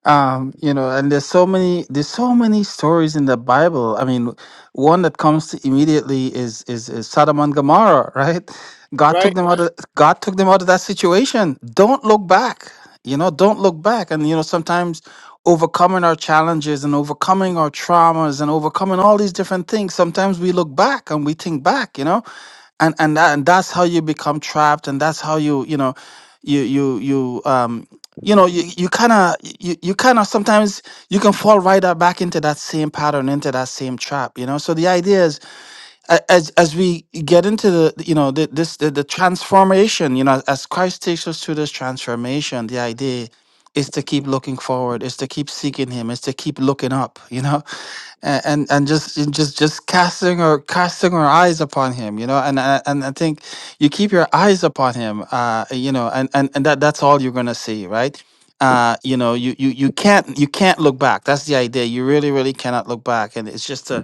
um you know and there's so many there's so many stories in the bible i mean one that comes to immediately is is, is sodom and gomorrah right god
Right?
took them out of god took them out of that situation don't look back you know don't look back and you know sometimes overcoming our challenges and overcoming our traumas and overcoming all these different things sometimes we look back and we think back you know and and that, and that's how you become trapped and that's how you you know you you you um you know you you kind of you, you kind of sometimes you can fall right up back into that same pattern into that same trap you know so the idea is a- as as we get into the you know the, this the, the transformation you know as christ takes us through this transformation the idea is to keep looking forward is to keep seeking him is to keep looking up you know and and, and just and just just casting or casting our eyes upon him you know and I- and i think you keep your eyes upon him uh you know and and, and that that's all you're gonna see right uh you know you you you can't you can't look back that's the idea you really really cannot look back and it's just a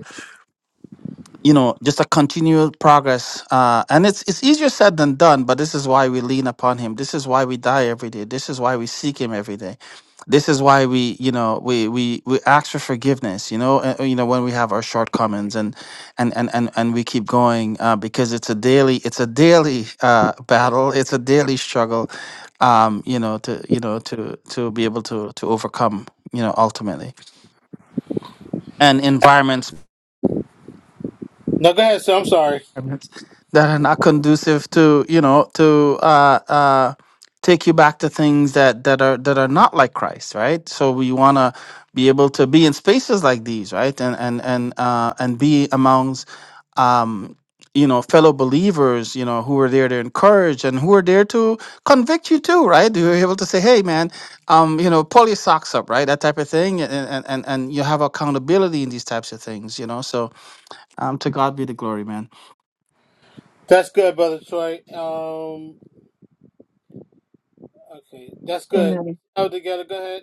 you know just a continual progress uh and it's it's easier said than done but this is why we lean upon him this is why we die every day this is why we seek him every day this is why we you know we we we ask for forgiveness you know uh, you know when we have our shortcomings and and and and, and we keep going uh, because it's a daily it's a daily uh battle it's a daily struggle um you know to you know to to be able to to overcome you know ultimately and environments
No, go ahead, sir. I'm sorry.
environments that are not conducive to you know to uh, uh, take you back to things that that are that are not like Christ, right? So we want to be able to be in spaces like these, right, and and and uh, and be amongst um, you know fellow believers, you know, who are there to encourage and who are there to convict you too, right? You're able to say, hey, man, um, you know, pull your socks up, right? That type of thing, and and and and you have accountability in these types of things, you know. So um, to God be the glory, man.
That's good, Brother Troy. Um, okay, that's good.
Amen.
Oh, together. Go ahead.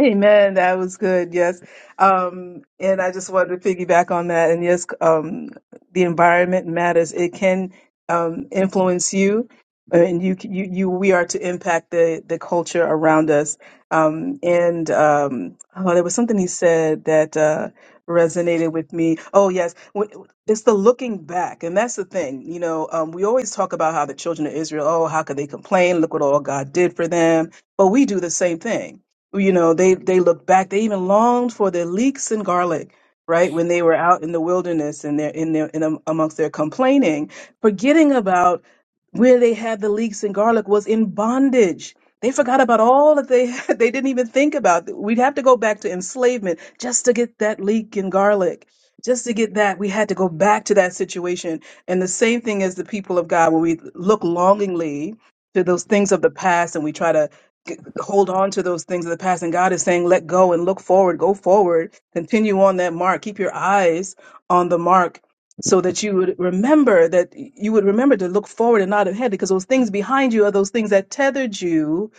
Amen. That was good. Yes. Um, and I just wanted to piggyback on that. And yes, um, the environment matters. It can um, influence you, and you, can- you, you, we are to impact the the culture around us. Um, and um, oh, there was something he said that uh, resonated with me. Oh, yes. When, it's the looking back, and that's the thing. You know, um, we always talk about how the children of Israel. Oh, how could they complain? Look what all God did for them. But we do the same thing you know they they looked back they even longed for their leeks and garlic right when they were out in the wilderness and they're in their in am- amongst their complaining forgetting about where they had the leeks and garlic was in bondage they forgot about all that they had they didn't even think about we'd have to go back to enslavement just to get that leek and garlic just to get that we had to go back to that situation and the same thing as the people of god when we look longingly to those things of the past and we try to g- hold on to those things of the past. And God is saying, let go and look forward, go forward, continue on that mark, keep your eyes on the mark so that you would remember that you would remember to look forward and not ahead because those things behind you are those things that tethered you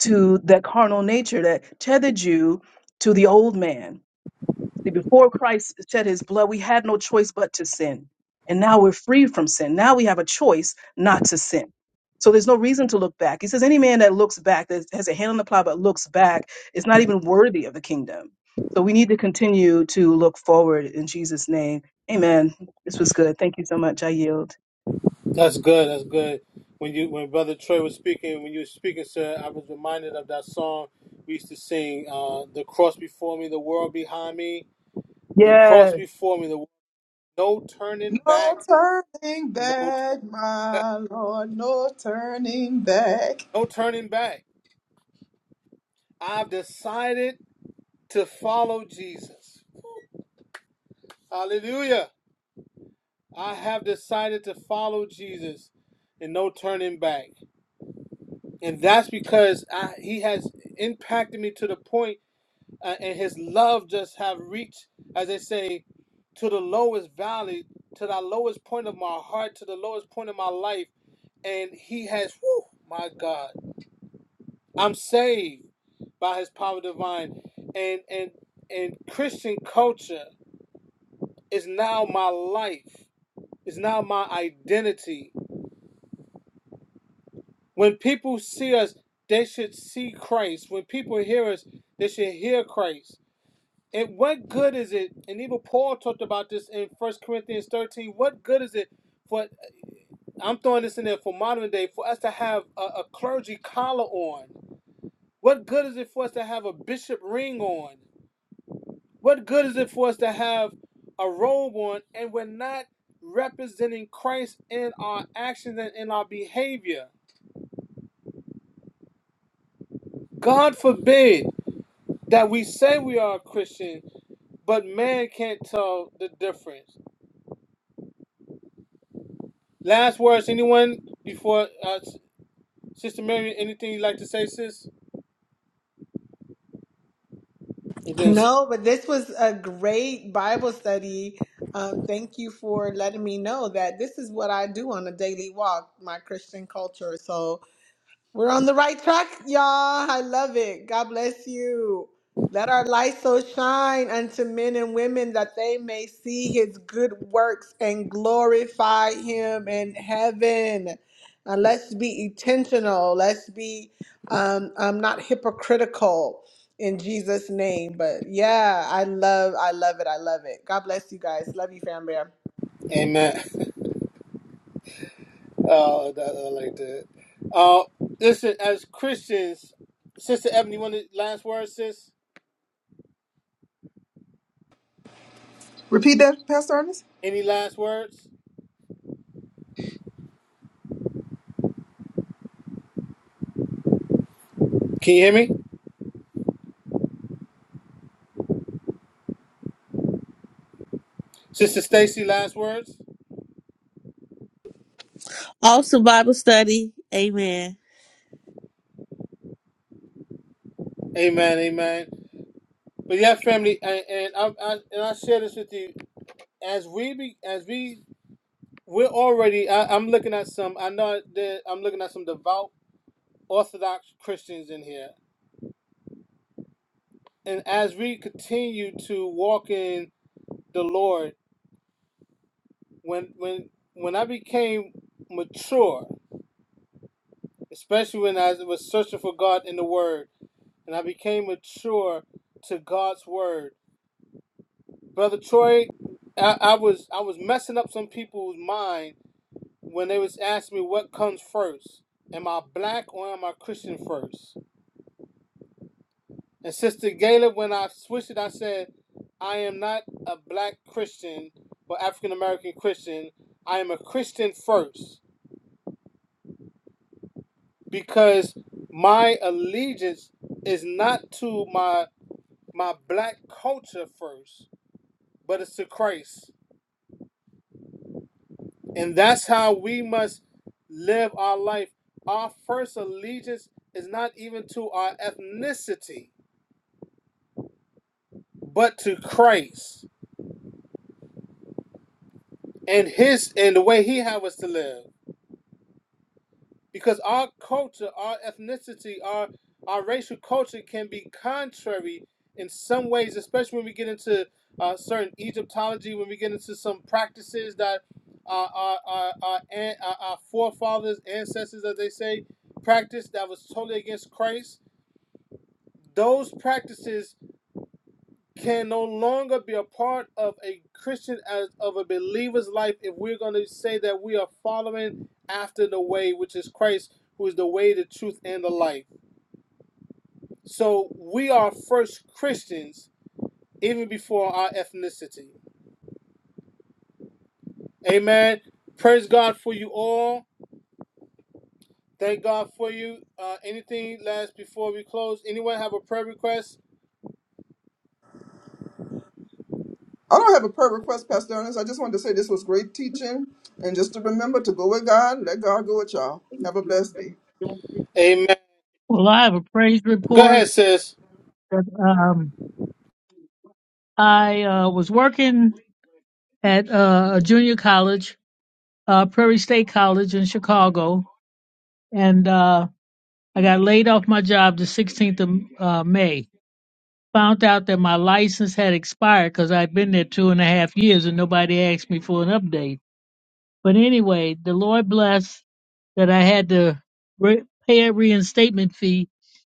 to that carnal nature that tethered you to the old man that before Christ shed his blood, we had no choice but to sin. And now we're free from sin. Now we have a choice not to sin. So there's no reason to look back. He says, any man that looks back, that has a hand on the plow, but looks back, is not even worthy of the kingdom. So we need to continue to look forward in Jesus' name. Amen. This was good. Thank you so much. I yield.
That's good. That's good. When you, when Brother Troy was speaking, when you were speaking, sir, I was reminded of that song we used to sing. Uh, the cross before me, the world behind me. The cross
Yes.
before me, the no turning back,
No turning
no,
back, my Lord, no turning back.
no turning back. I've decided to follow Jesus. Hallelujah. I have decided to follow Jesus and no turning back. And that's because I, he has impacted me to the point, uh, and his love just have reached, as they say, to the lowest valley, to the lowest point of my heart, to the lowest point of my life. And he has, whew, my God, I'm saved by his power divine. And, and, and Christian culture is now my life, is now my identity When people see us, they should see Christ. When people hear us, they should hear Christ. And what good is it? And even Paul talked about this in First Corinthians 13. What good is it for, I'm throwing this in there for modern day, for us to have a, a clergy collar on? What good is it for us to have a bishop ring on? What good is it for us to have a robe on and we're not representing Christ in our actions and in our behavior? God forbid. that we say we are a Christian, but man can't tell the difference. Last words, anyone before uh, Sister Mary, anything you'd like to say, sis? You didn't say.
No, but this was a great Bible study. Um, thank you for letting me know that this is what I do on a daily walk, my Christian culture. So, We're on the right track, y'all. I love it. God bless you. Let our light so shine unto men and women that they may see his good works and glorify him in heaven. And let's be intentional. Let's be um, um, not hypocritical in Jesus' name. But yeah, I love, I love it. I love it. God bless you guys. Love you, fam bear.
Amen. oh, that, I like that. Uh, listen, as Christians, Sister Ebony, one last words, sis?
Repeat that, Pastor Ernest.
Any last words? Can you hear me? Sister Stacy, last words?
Awesome Bible study. Amen.
Amen, amen. But yeah, family, and, and I, I and I share this with you as we be, as we We're already. I, I'm looking at some. I know that I'm looking at some devout Orthodox Christians in here, and as we continue to walk in the Lord, when when when I became mature, especially when I was searching for God in the Word, and I became mature to God's Word, brother Troy, I, I was I was messing up some people's mind when they was asking me what comes first. Am I black or am I Christian first? And Sister Gayla, when I switched it, I said, I am not a black Christian or African American Christian. I am a Christian first because my allegiance is not to my my black culture first, but it's to Christ. And that's how we must live our life. Our first allegiance is not even to our ethnicity, but to Christ and his and the way he have us to live. because our culture, our ethnicity, our our racial culture can be contrary in some ways, especially when we get into uh, certain Egyptology, when we get into some practices that our our our, our, an, our our forefathers, ancestors, as they say, practiced that was totally against Christ. Those practices can no longer be a part of a Christian as of a believer's life if we're going to say that we are following after the way, which is Christ, who is the way, the truth, and the life. So we are first Christians even before our ethnicity. Amen. Praise God for you all. Thank God for you. Uh, anything last before we close? Anyone have a prayer request?
I don't have a prayer request, Pastor Ernest. I just wanted to say this was great teaching. And just to remember to go with God, let God go with y'all. Have a blessed day.
Amen.
Well, I have a praise
Go
report.
ahead, sis.
Um, I uh, was working at uh, a junior college, uh, Prairie State College in Chicago, and uh, I got laid off my job the 16th of uh, May. Found out that my license had expired because I'd been there two and a half years and nobody asked me for an update. But anyway, the Lord blessed that I had to re- pay a reinstatement fee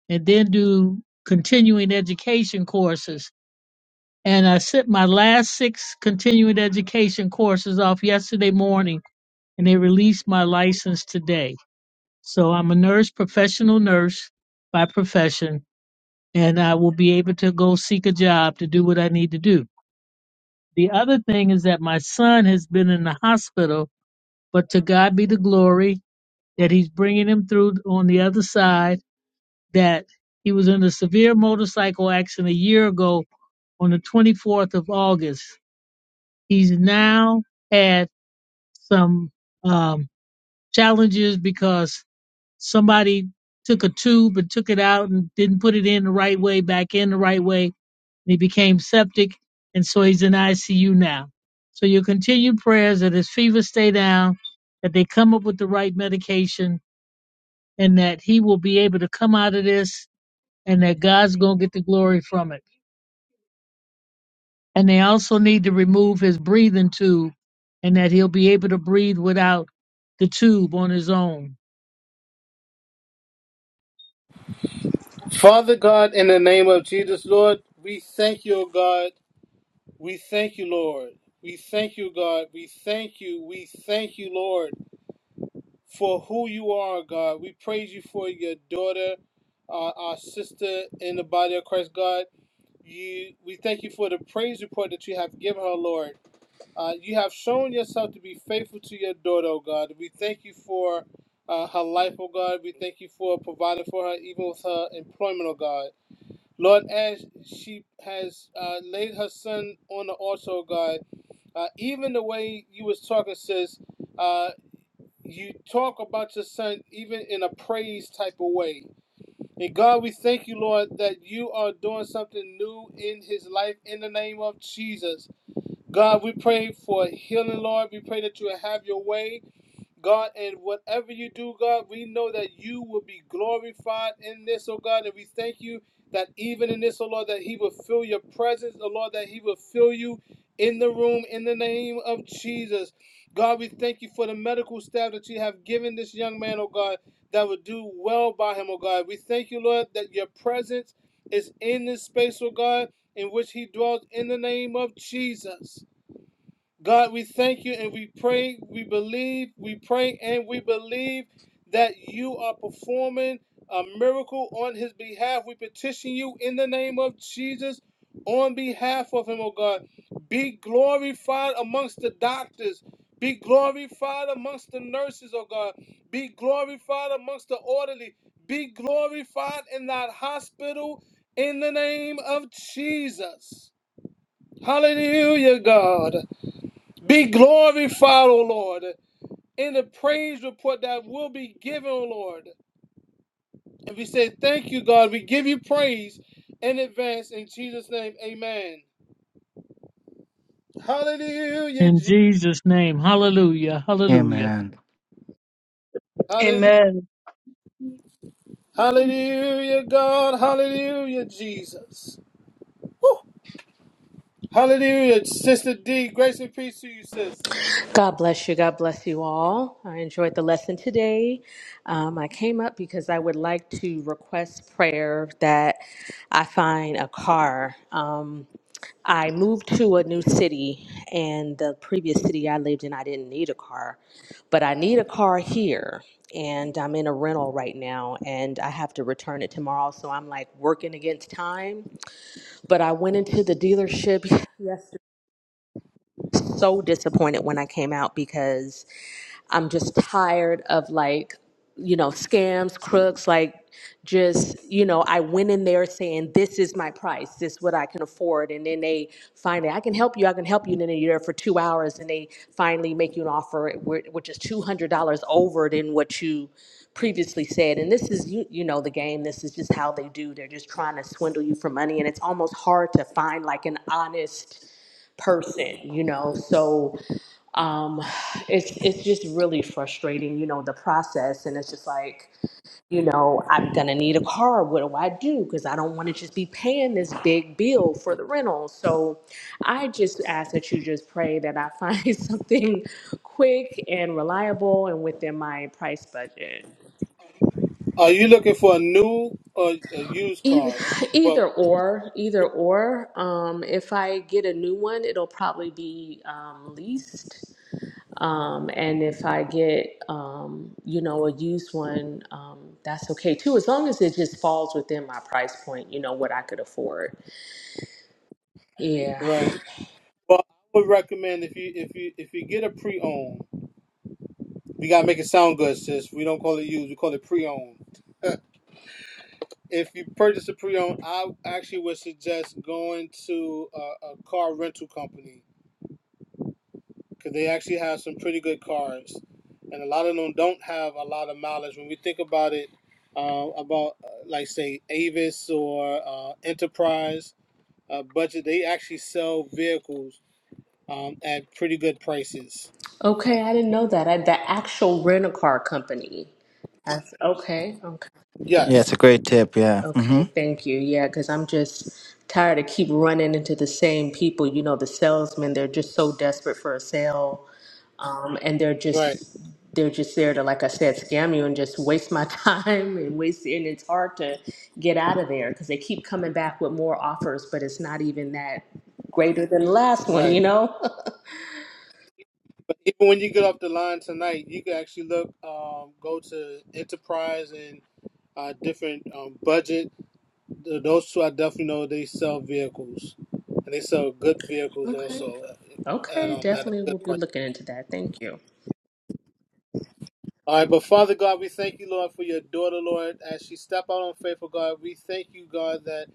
and then do continuing education courses. And I sent my last six continuing education courses off yesterday morning, and they released my license today. So I'm a nurse, professional nurse by profession, and I will be able to go seek a job to do what I need to do. The other thing is that my son has been in the hospital, but to God be the glory that he's bringing him through on the other side, that he was in a severe motorcycle accident a year ago on the 24th of August. He's now had some um, challenges because somebody took a tube and took it out and didn't put it in the right way, back in the right way, and he became septic, and so he's in ICU now. So your continued prayers that his fever stay down, that they come up with the right medication, and that he will be able to come out of this and that God's going to get the glory from it. And they also need to remove his breathing tube and that he'll be able to breathe without the tube on his own.
Father God, in the name of Jesus, Lord, we thank you, O God. We thank you, Lord. We thank you, God. We thank you. We thank you, Lord, for who you are, God. We praise you for your daughter, uh, our sister in the body of Christ, God. You, we thank you for the praise report that you have given her, Lord. Uh, you have shown yourself to be faithful to your daughter, oh God. We thank you for uh, her life, oh God. We thank you for providing for her, even with her employment, oh God. Lord, as she has uh, laid her son on the altar, oh God, uh, even the way you was talking, sis, uh, you talk about your son even in a praise type of way. And God, we thank you, Lord, that you are doing something new in his life in the name of Jesus. God, we pray for healing, Lord. We pray that you will have your way. God, and whatever you do, God, we know that you will be glorified in this, oh God, and we thank you that even in this, oh Lord, that He will fill your presence, oh Lord, that He will fill you in the room in the name of Jesus. God, we thank you for the medical staff that you have given this young man, oh God, that will do well by him, oh God. We thank you, Lord, that your presence is in this space, oh God, in which he dwells in the name of Jesus. God, we thank you and we pray, we believe, we pray and we believe that you are performing a miracle on his behalf. We petition you in the name of Jesus on behalf of him, oh God. Be glorified amongst the doctors. Be glorified amongst the nurses, oh God. Be glorified amongst the orderly. Be glorified in that hospital in the name of Jesus. Hallelujah, God. Be glorified, O Lord, in the praise report that will be given, O Lord. And we say, Thank you, God. We give you praise in advance in Jesus' name. Amen. Hallelujah,
In
Jesus.
Jesus' name, hallelujah, hallelujah.
Amen.
Hallelujah,
Amen.
hallelujah, God. Hallelujah, Jesus. Woo. Hallelujah, Sister D. Grace and peace to you, sis.
God bless you. God bless you all. I enjoyed the lesson today. Um, I came up because I would like to request prayer that I find a car. Um, I moved to a new city, and the previous city I lived in, I didn't need a car, but I need a car here. And I'm in a rental right now, and I have to return it tomorrow. So I'm like working against time. But I went into the dealership yesterday, so disappointed when I came out because I'm just tired of like, you know, scams, crooks, like just, you know, I went in there saying, this is my price, this is what I can afford. And then they finally, I can help you, I can help you. And then you're there for two hours and they finally make you an offer, wh- which is $200 over than what you previously said. And this is, you, you know, the game. This is just how they do. They're just trying to swindle you for money. And it's almost hard to find like an honest person, you know? So, um, it's it's just really frustrating, you know, the process, and it's just like, you know, I'm gonna need a car. What do I do? Because I don't want to just be paying this big bill for the rental. So, I just ask that you just pray that I find something quick and reliable and within my price budget.
Are you looking for a new or a used
Either,
car? Well,
either or, either or. Um, if I get a new one, it'll probably be um, leased. Um, and if I get, um, you know, a used one, um, that's okay too, as long as it just falls within my price point, you know, what I could afford. Yeah.
right. Well, I would recommend if you if you if you get a pre-owned. We gotta make it sound good, sis. We don't call it used, we call it pre-owned. if you purchase a pre-owned, I actually would suggest going to a, a car rental company because they actually have some pretty good cars, and a lot of them don't have a lot of mileage. When we think about it, uh, about uh, like say Avis or uh, Enterprise uh, budget, they actually sell vehicles um, at pretty good prices.
Okay, I didn't know that. I, the actual rent a car company. That's okay. Okay.
Yeah,
Yes,
it's a great tip. Yeah. hmm
Okay. Thank you. Yeah, because I'm just tired of keep running into the same people. You know, the salesmen, they're just so desperate for a sale um, and they're just
right,
they're just there to like i said scam you and just waste my time and waste and it's hard to get out of there because they keep coming back with more offers but it's not even that greater than the last one
right.
you know
But even when you get off the line tonight, you can actually look, um, go to Enterprise and uh, different um, budget. Th- Those two, I definitely know they sell vehicles, and they sell good vehicles
okay
also, and
okay
um, at a
definitely
good
we'll be
price.
looking into that thank you
All right, but Father God, we thank you, Lord, for your daughter, Lord, as she step out on faith. faithful God. We thank you, God, that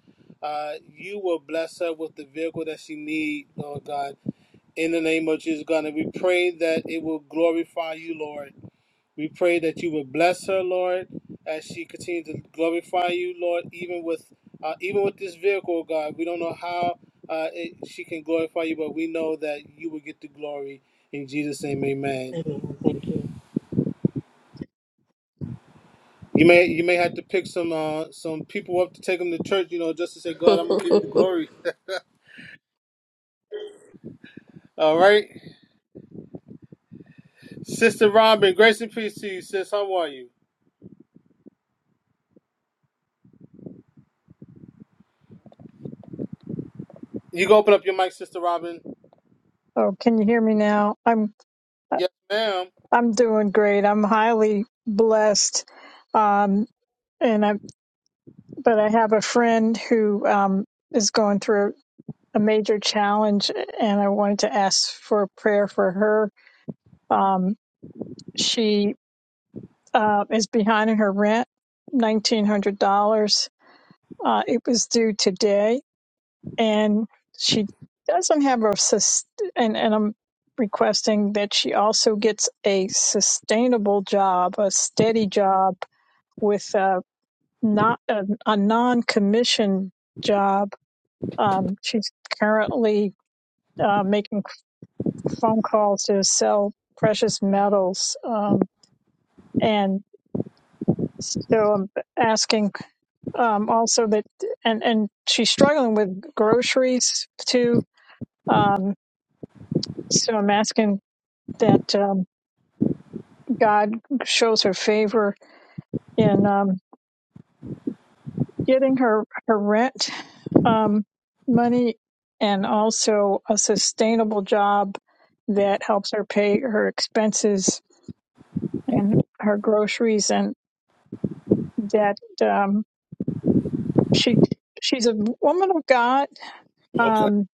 uh, you will bless her with the vehicle that she need, Lord God, in the name of Jesus, God, and we pray that it will glorify you, Lord. We pray that you will bless her, Lord, as she continues to glorify you, Lord, even with uh, even with this vehicle, oh God. We don't know how uh, it, she can glorify you, but we know that you will get the glory in Jesus' name, Amen.
Amen. Thank you.
You may you may have to pick some uh, some people up to take them to church, you know, just to say, God, I'm gonna give you the glory. All right, Sister Robin, grace and peace to you, sis. How are you? You can open up your mic, Sister Robin.
Oh, can you hear me now? I'm
Yes, ma'am.
I'm doing great. I'm highly blessed, um, and I but I have a friend who um, is going through a major challenge, and I wanted to ask for prayer for her. Um, she uh, is behind in her rent, nineteen hundred dollars. Uh, it was due today, and she doesn't have a sus- and and I'm requesting that she also gets a sustainable job, a steady job with a not a, a non-commissioned job. Um, she's currently uh, making phone calls to sell precious metals, um, and so I'm asking um, also that and and she's struggling with groceries too. Um, so I'm asking that um, God shows her favor in um, getting her her rent um, money and also a sustainable job that helps her pay her expenses and her groceries and that um, she she's a woman of God.
Okay.
Um,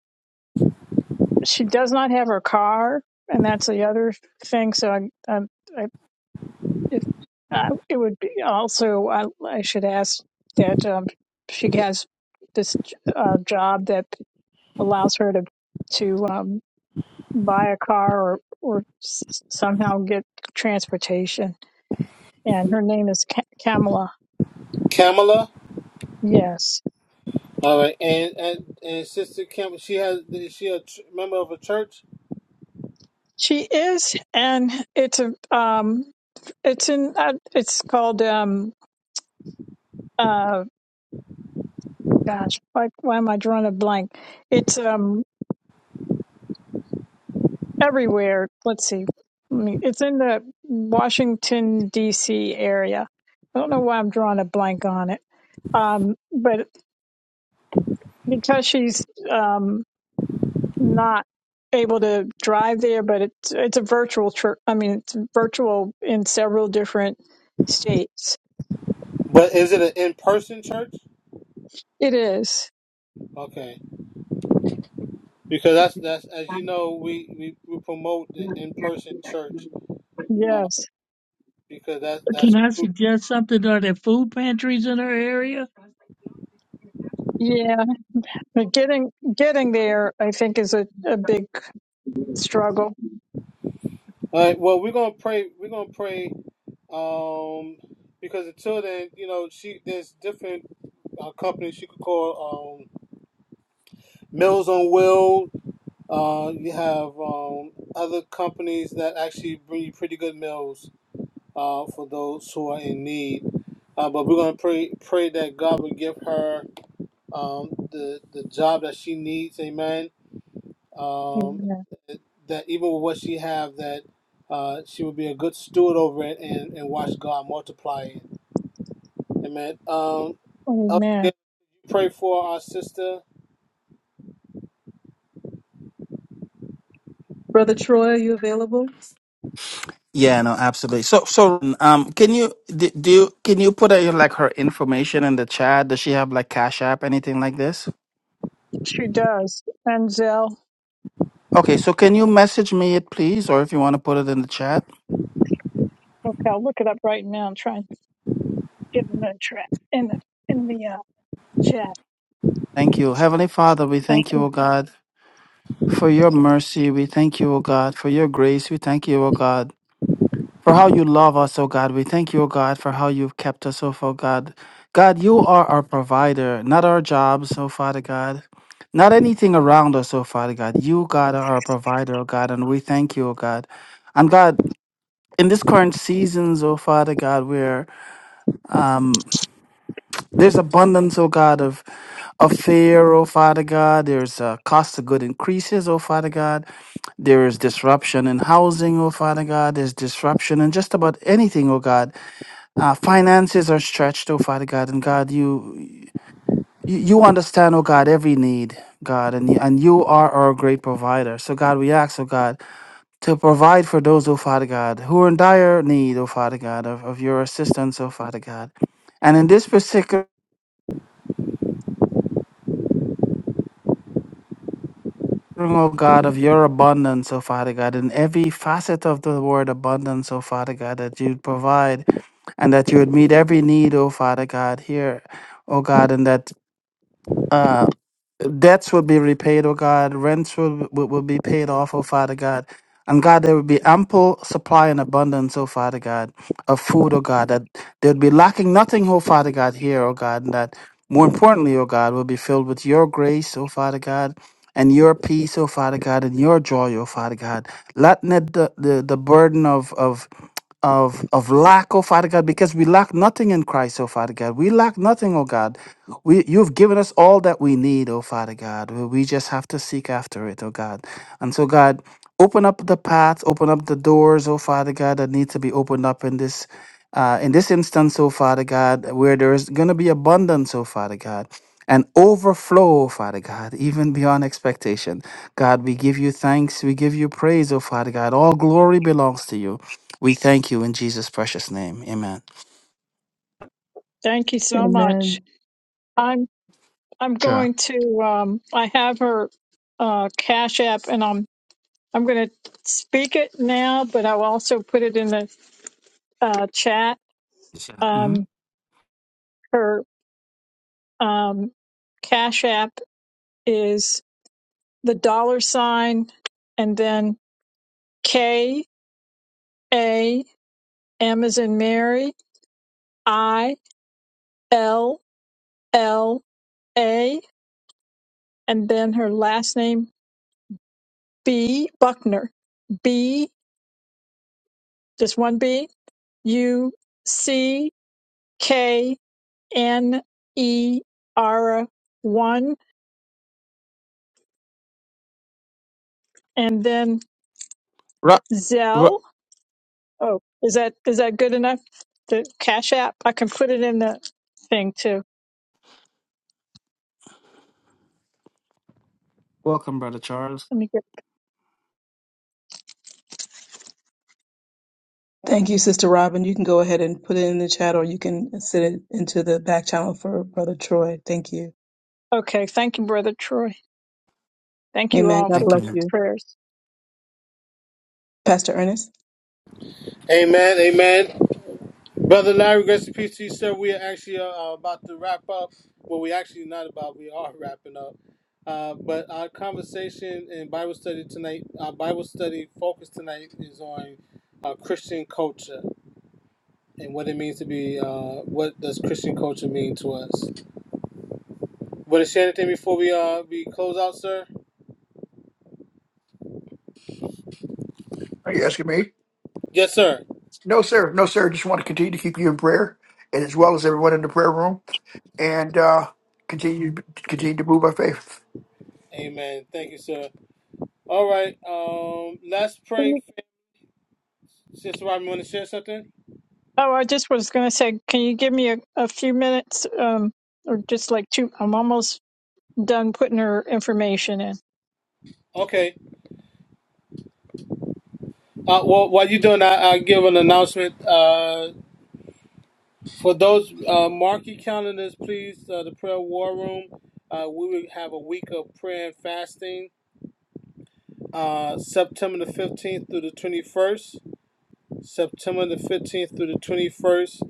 she does not have her car, and that's the other thing. So I, I, If uh, it would be also, I, I should ask that um, she has this uh, job that allows her to to um, buy a car or or s- somehow get transportation. And her name is Ca- Kamala.
Kamala.
Yes,
All right, and and, and Sister Kim, she has is she a ch- member of a church?
she is, and it's a um, it's in uh, it's called um uh gosh why, why am i drawing a blank it's um everywhere. Let's see. Let me- It's in the Washington D.C. area. I don't know why I'm drawing a blank on it, um, but because she's um, not able to drive there, but it's it's a virtual church. I mean, it's virtual in several different states.
But is it an in person church?
It is.
Okay, because that's that's as you know we we, we promote the in person church uh,
Yes.
because that's that's
Can I
all
suggest something? Are there food pantries in our area?
Yeah. But getting getting there, I think, is a, a big struggle.
right. Well, we're gonna pray. We're gonna pray um, because until then, you know, she there's different uh, companies you could call um, Mills on Will. Uh, you have um, other companies that actually bring you pretty good meals uh, for those who are in need. Uh, but we're going to pray pray that God would give her um, the the job that she needs. Amen. Um,
Amen.
that even with what she have, that uh, she would be a good steward over it and, and watch God multiply it. Amen. Um, Elder
Amen.
Gabe, pray for our sister.
Brother Troy, are you available?
Yeah. No, absolutely. So, so, um, can you d- do? You, can you put uh, like her information in the chat? Does she have like Cash App, anything like this?
She does. Enzel.
Okay. So, can you message me it, please, or if you want to put it in the chat?
Okay, I'll look it up right now and try and get it in the tra- in the, in the uh, chat.
Thank you, Heavenly Father. We
Thank
thank you,
you.
O God, for your mercy. We thank you, O God, for your grace. We thank you, O God. for how you love us, oh God. We thank you, oh God, for how you've kept us, oh Father God. God, you are our provider, not our jobs, oh Father God. Not anything around us, oh Father God. You, God, are our provider, oh God, and we thank you, oh God. And God, in this current seasons, oh Father God, where um, there's abundance, oh God, of, of fear, oh Father God. There's uh, cost of good increases, oh Father God. There is disruption in housing, oh Father God. There's disruption in just about anything, oh God. Our finances are stretched, oh Father God, and God, you you you understand, oh God, every need, God, and you, and you are our great provider. So God, we ask, oh God, to provide for those, oh Father God, who are in dire need, oh Father God, of, of your assistance, oh Father God. And in this particular, oh God, of your abundance, oh Father God, in every facet of the word abundance, oh Father God, that you'd provide and that you would meet every need, oh Father God, here, oh God, and that Uh, debts will be repaid, oh God. Rents will, will, will be paid off, oh Father God. And God, there will be ample supply and abundance, oh Father God, of food, oh God, that there would be lacking nothing, oh Father God, here, oh God, and that. More importantly, O God, we'll be filled with your grace, O Father God, and your peace, O Father God, and your joy, O Father God. Let not the, the, the burden of, of of of lack, oh Father God, because we lack nothing in Christ, oh Father God. We lack nothing, oh God. We you've given us all that we need, oh Father God. We we just have to seek after it, oh God. And so God, open up the paths, open up the doors, oh Father God, that need to be opened up in this. Uh, in this instance, oh Father God, where there is going to be abundance, oh Father God, and overflow, oh Father God, even beyond expectation. God, we give you thanks. We give you praise, oh Father God. All glory belongs to you. We thank you in Jesus' precious name. Amen.
Thank you so
Amen.
much. I'm I'm
Sure.
going to um I have her uh Cash App and I'm I'm going to speak it now, but I'll also put it in the uh chat.
Sure.
Um
Mhm.
her um Cash App is the dollar sign and then K A M as in Mary I L L A and then her last name B Buckner. B just one B U C K N E R one and then
Ru- ru-
Zell. Oh, is that is that good enough? The Cash App. I can put it in the thing too.
Welcome, Brother Charles.
Let me get
Thank you, Sister Robin. You can go ahead and put it in the chat or you can send it into the back channel for Brother Troy. Thank you.
okay. Thank you, Brother Troy. Thank you
Amen.
all
God
for the
Thank
bless
you.
you.
prayers.
Pastor Ernest?
Amen. Amen. Brother Larry, grace and peace to you, sir. We are actually uh, uh, about to wrap up. Well, we actually not about. We are wrapping up. Uh, but our conversation and Bible study tonight, our Bible study focus tonight is on uh, Christian culture and what it means to be. Uh, what does Christian culture mean to us? Brother Shannon, anything before we uh we close out, sir.
Are you asking me?
Yes, sir.
No, sir. No, sir. Just want to continue to keep you in prayer, and as well as everyone in the prayer room, and uh, continue continue to move by faith.
Amen. Thank you, sir. All right. Um, let's
Can
pray.
you-
Sister Robin, want to share something?
Oh, I just was going to say, can you give me a, a few minutes, um, or just like two? I'm almost done putting her information in.
Okay. Uh, well, while you're doing that, I'll give an announcement. Uh, for those, uh, mark your calendars, please. Uh, the prayer war room. Uh, we will have a week of prayer and fasting, uh, September the 15th through the 21st. September the 15th through the 21st.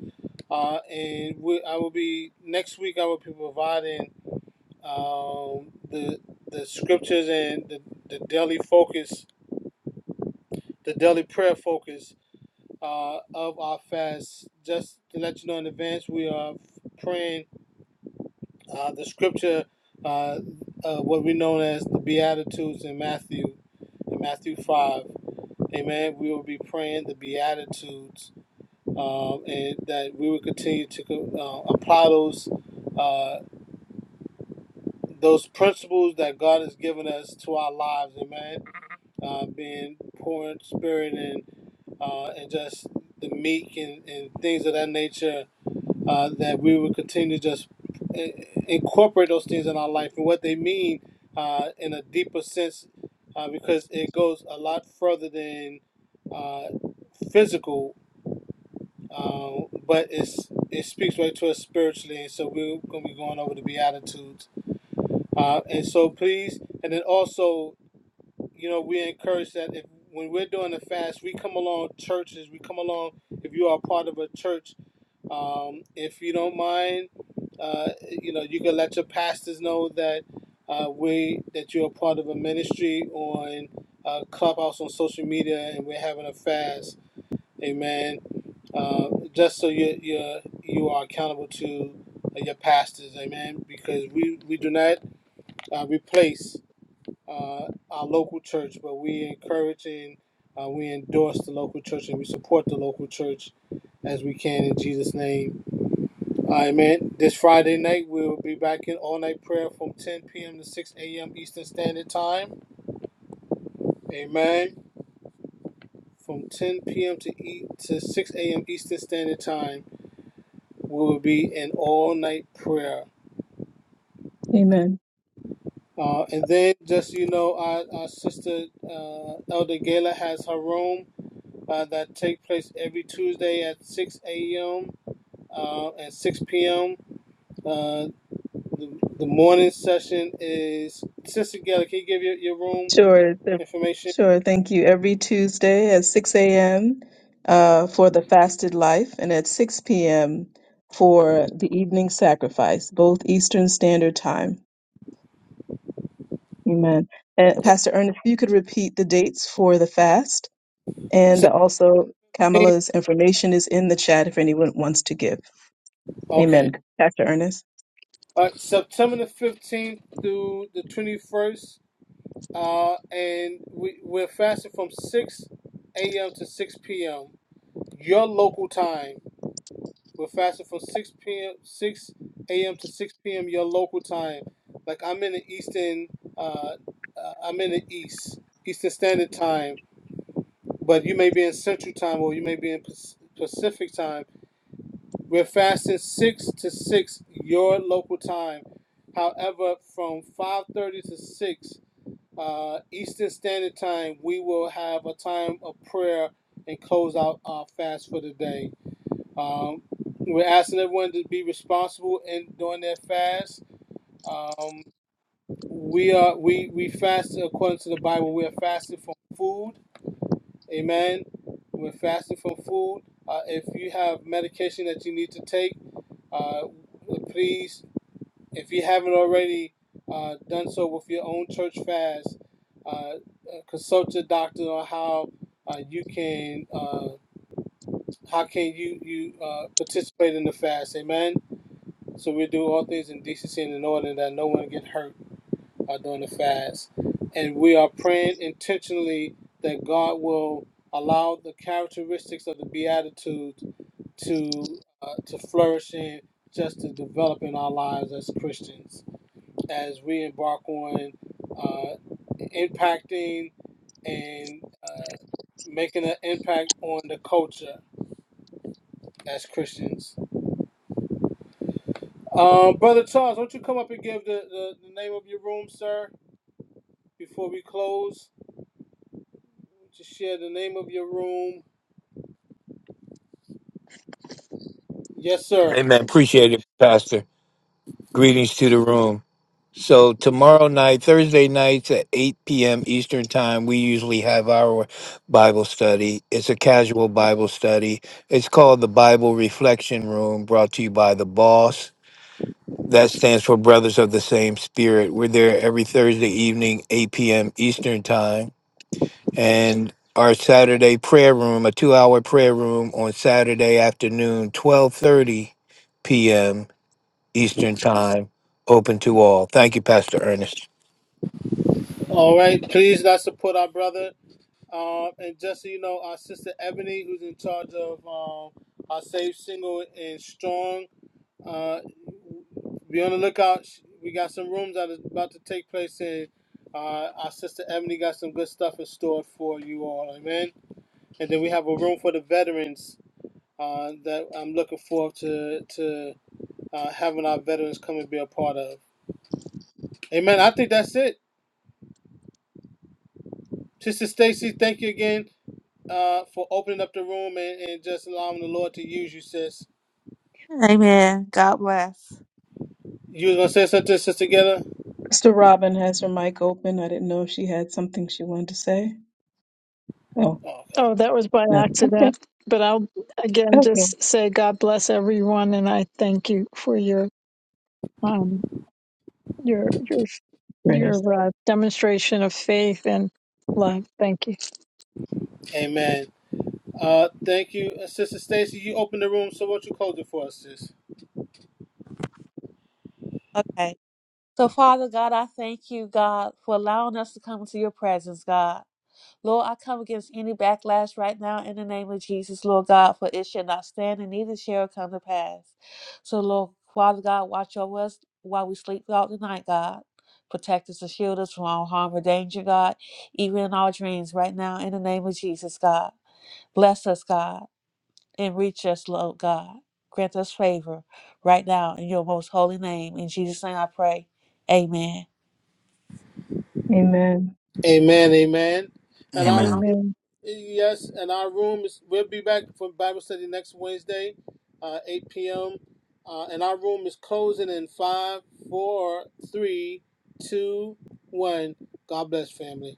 Uh, and we, I will be, next week, I will be providing um, the the scriptures and the, the daily focus, the daily prayer focus uh, of our fast. Just to let you know in advance, we are praying uh, the scripture, uh, uh, what we know as the Beatitudes in Matthew, in Matthew 5. Amen. We will be praying the Beatitudes um, and that we will continue to uh, apply those. Uh, those principles that God has given us to our lives, amen. Uh, being poor in spirit and uh, and just the meek and, and things of that nature uh, that we would continue to just eh, incorporate those things in our life and what they mean uh, in a deeper sense uh, because it goes a lot further than uh, physical, um, but it's, it speaks right to us spiritually. And so we're going to be going over the Beatitudes. Uh, and so please, and then also, you know, we encourage that if when we're doing the fast, we come along churches, we come along if you are part of a church um, if you don't mind, uh, you know, you can let your pastors know that uh, we that you're a part of a ministry on uh, Clubhouse on social media, and we're having a fast. Amen. Uh, just so you you you are accountable to uh, your pastors. Amen. Because we we do not uh, replace uh, our local church, but we encourage and uh, we endorse the local church and we support the local church as we can in Jesus' name. All right, man. This Friday night, we'll be back in all night prayer from 10 p.m. to 6 a.m. Eastern Standard Time. Amen. From 10 p.m. to, e- to 6 a.m. Eastern Standard Time, we will be in all night prayer.
Amen.
Uh, and then, just so you know, our, our sister uh, Elder Gala has her room uh, that take place every Tuesday at 6 a.m. Uh, and 6 p.m. Uh, the, the morning session is Sister Gala. Can you give your, your room?
Sure. th-
information.
Sure. Thank you. Every Tuesday at 6 a.m. Uh, for the fasted life and at 6 p.m. for the evening sacrifice, both Eastern Standard Time. Amen. And
And
Pastor Ernest, if you could repeat the dates for the fast and also
17.
Kamala's information is in the chat if anyone wants to give.
Okay.
Amen. Pastor Ernest.
Uh, September the 15th through the 21st. Uh, and we, we're fasting from 6 a.m. to 6 p.m. Your local time. We're fasting from 6 p.m. 6 a.m. to 6 p.m. Your local time. Like I'm in the Eastern, uh, uh, I'm in the East, Eastern Standard Time, but you may be in Central Time or you may be in Pac- Pacific Time We're fasting six to six your local time. However, from five thirty to six uh, Eastern Standard Time, we will have a time of prayer and close out our fast for the day. Um, we're asking everyone to be responsible in doing their fast. Um, we are we we fast according to the Bible. We are fasting from food Amen. We're fasting from food. Uh, if you have medication that you need to take, uh, please, if you haven't already uh, done so with your own church fast, uh, uh, consult your doctor on how uh, you can uh, how can you you uh, participate in the fast. Amen. So we do all things in decency and in order that no one get hurt uh, during the fast. And we are praying intentionally that God will allow the characteristics of the Beatitudes to uh, to flourish and just to develop in our lives as Christians as we embark on uh, impacting and uh, making an impact on the culture as Christians. Um, Brother Charles, won't you come up and give the, the, the name of your room, sir, before we close? Just share the name of your room. Yes, sir.
Amen. Appreciate it, Pastor. Greetings to the room. So tomorrow night, Thursday nights at 8 p.m. Eastern Time, we usually have our Bible study. It's a casual Bible study. It's called the Bible Reflection Room, brought to you by the boss. That stands for Brothers of the Same Spirit. We're there every Thursday evening, 8 p.m. Eastern Time. And our Saturday prayer room, a two-hour prayer room on Saturday afternoon, 12:30 p.m. Eastern Time, open to all. Thank you, Pastor Ernest.
All right. Please, let's support our brother. Um, and just so you know, our sister Ebony, who's in charge of um, our Safe Single and Strong, uh, be on the lookout. We got some rooms that is about to take place, and uh, our sister Ebony got some good stuff in store for you all. Amen. And then we have a room for the veterans uh, that I'm looking forward to to uh, having our veterans come and be a part of. Amen. I think that's it. Sister Stacy, thank you again uh, for opening up the room and, and just allowing the Lord to use you, sis.
Amen. God bless.
You was gonna say something, sis, together?
Sister Robin has her mic open. I didn't know if she had something she wanted to say. Oh,
Oh, okay.
Oh, that was by
no. Okay.
accident. But I'll again
Okay.
just say God bless everyone, and I thank you for your um your your
Prayers.
your uh, demonstration of faith and love. Thank you.
Amen. Uh, thank you, Uh, Sister Stacy. You opened the room, so what you close it for us, sis?
Okay. So, Father God, I thank you, God, for allowing us to come into your presence, God. Lord, I come against any backlash right now in the name of Jesus, Lord God, for it shall not stand and neither shall it come to pass. So, Lord, Father God, watch over us while we sleep throughout the night, God. Protect us and shield us from all harm or danger, God, even in our dreams right now in the name of Jesus, God. Bless us, God and reach us, Lord God. Grant us favor right now in your most holy name. In Jesus' name I pray. Amen.
Amen.
Amen. Amen. And our
Amen.
room,
Amen.
yes, and our room is. We'll be back for Bible study next Wednesday, uh, 8 p.m. Uh, and our room is closing in five, four, three, two, one. God bless, family.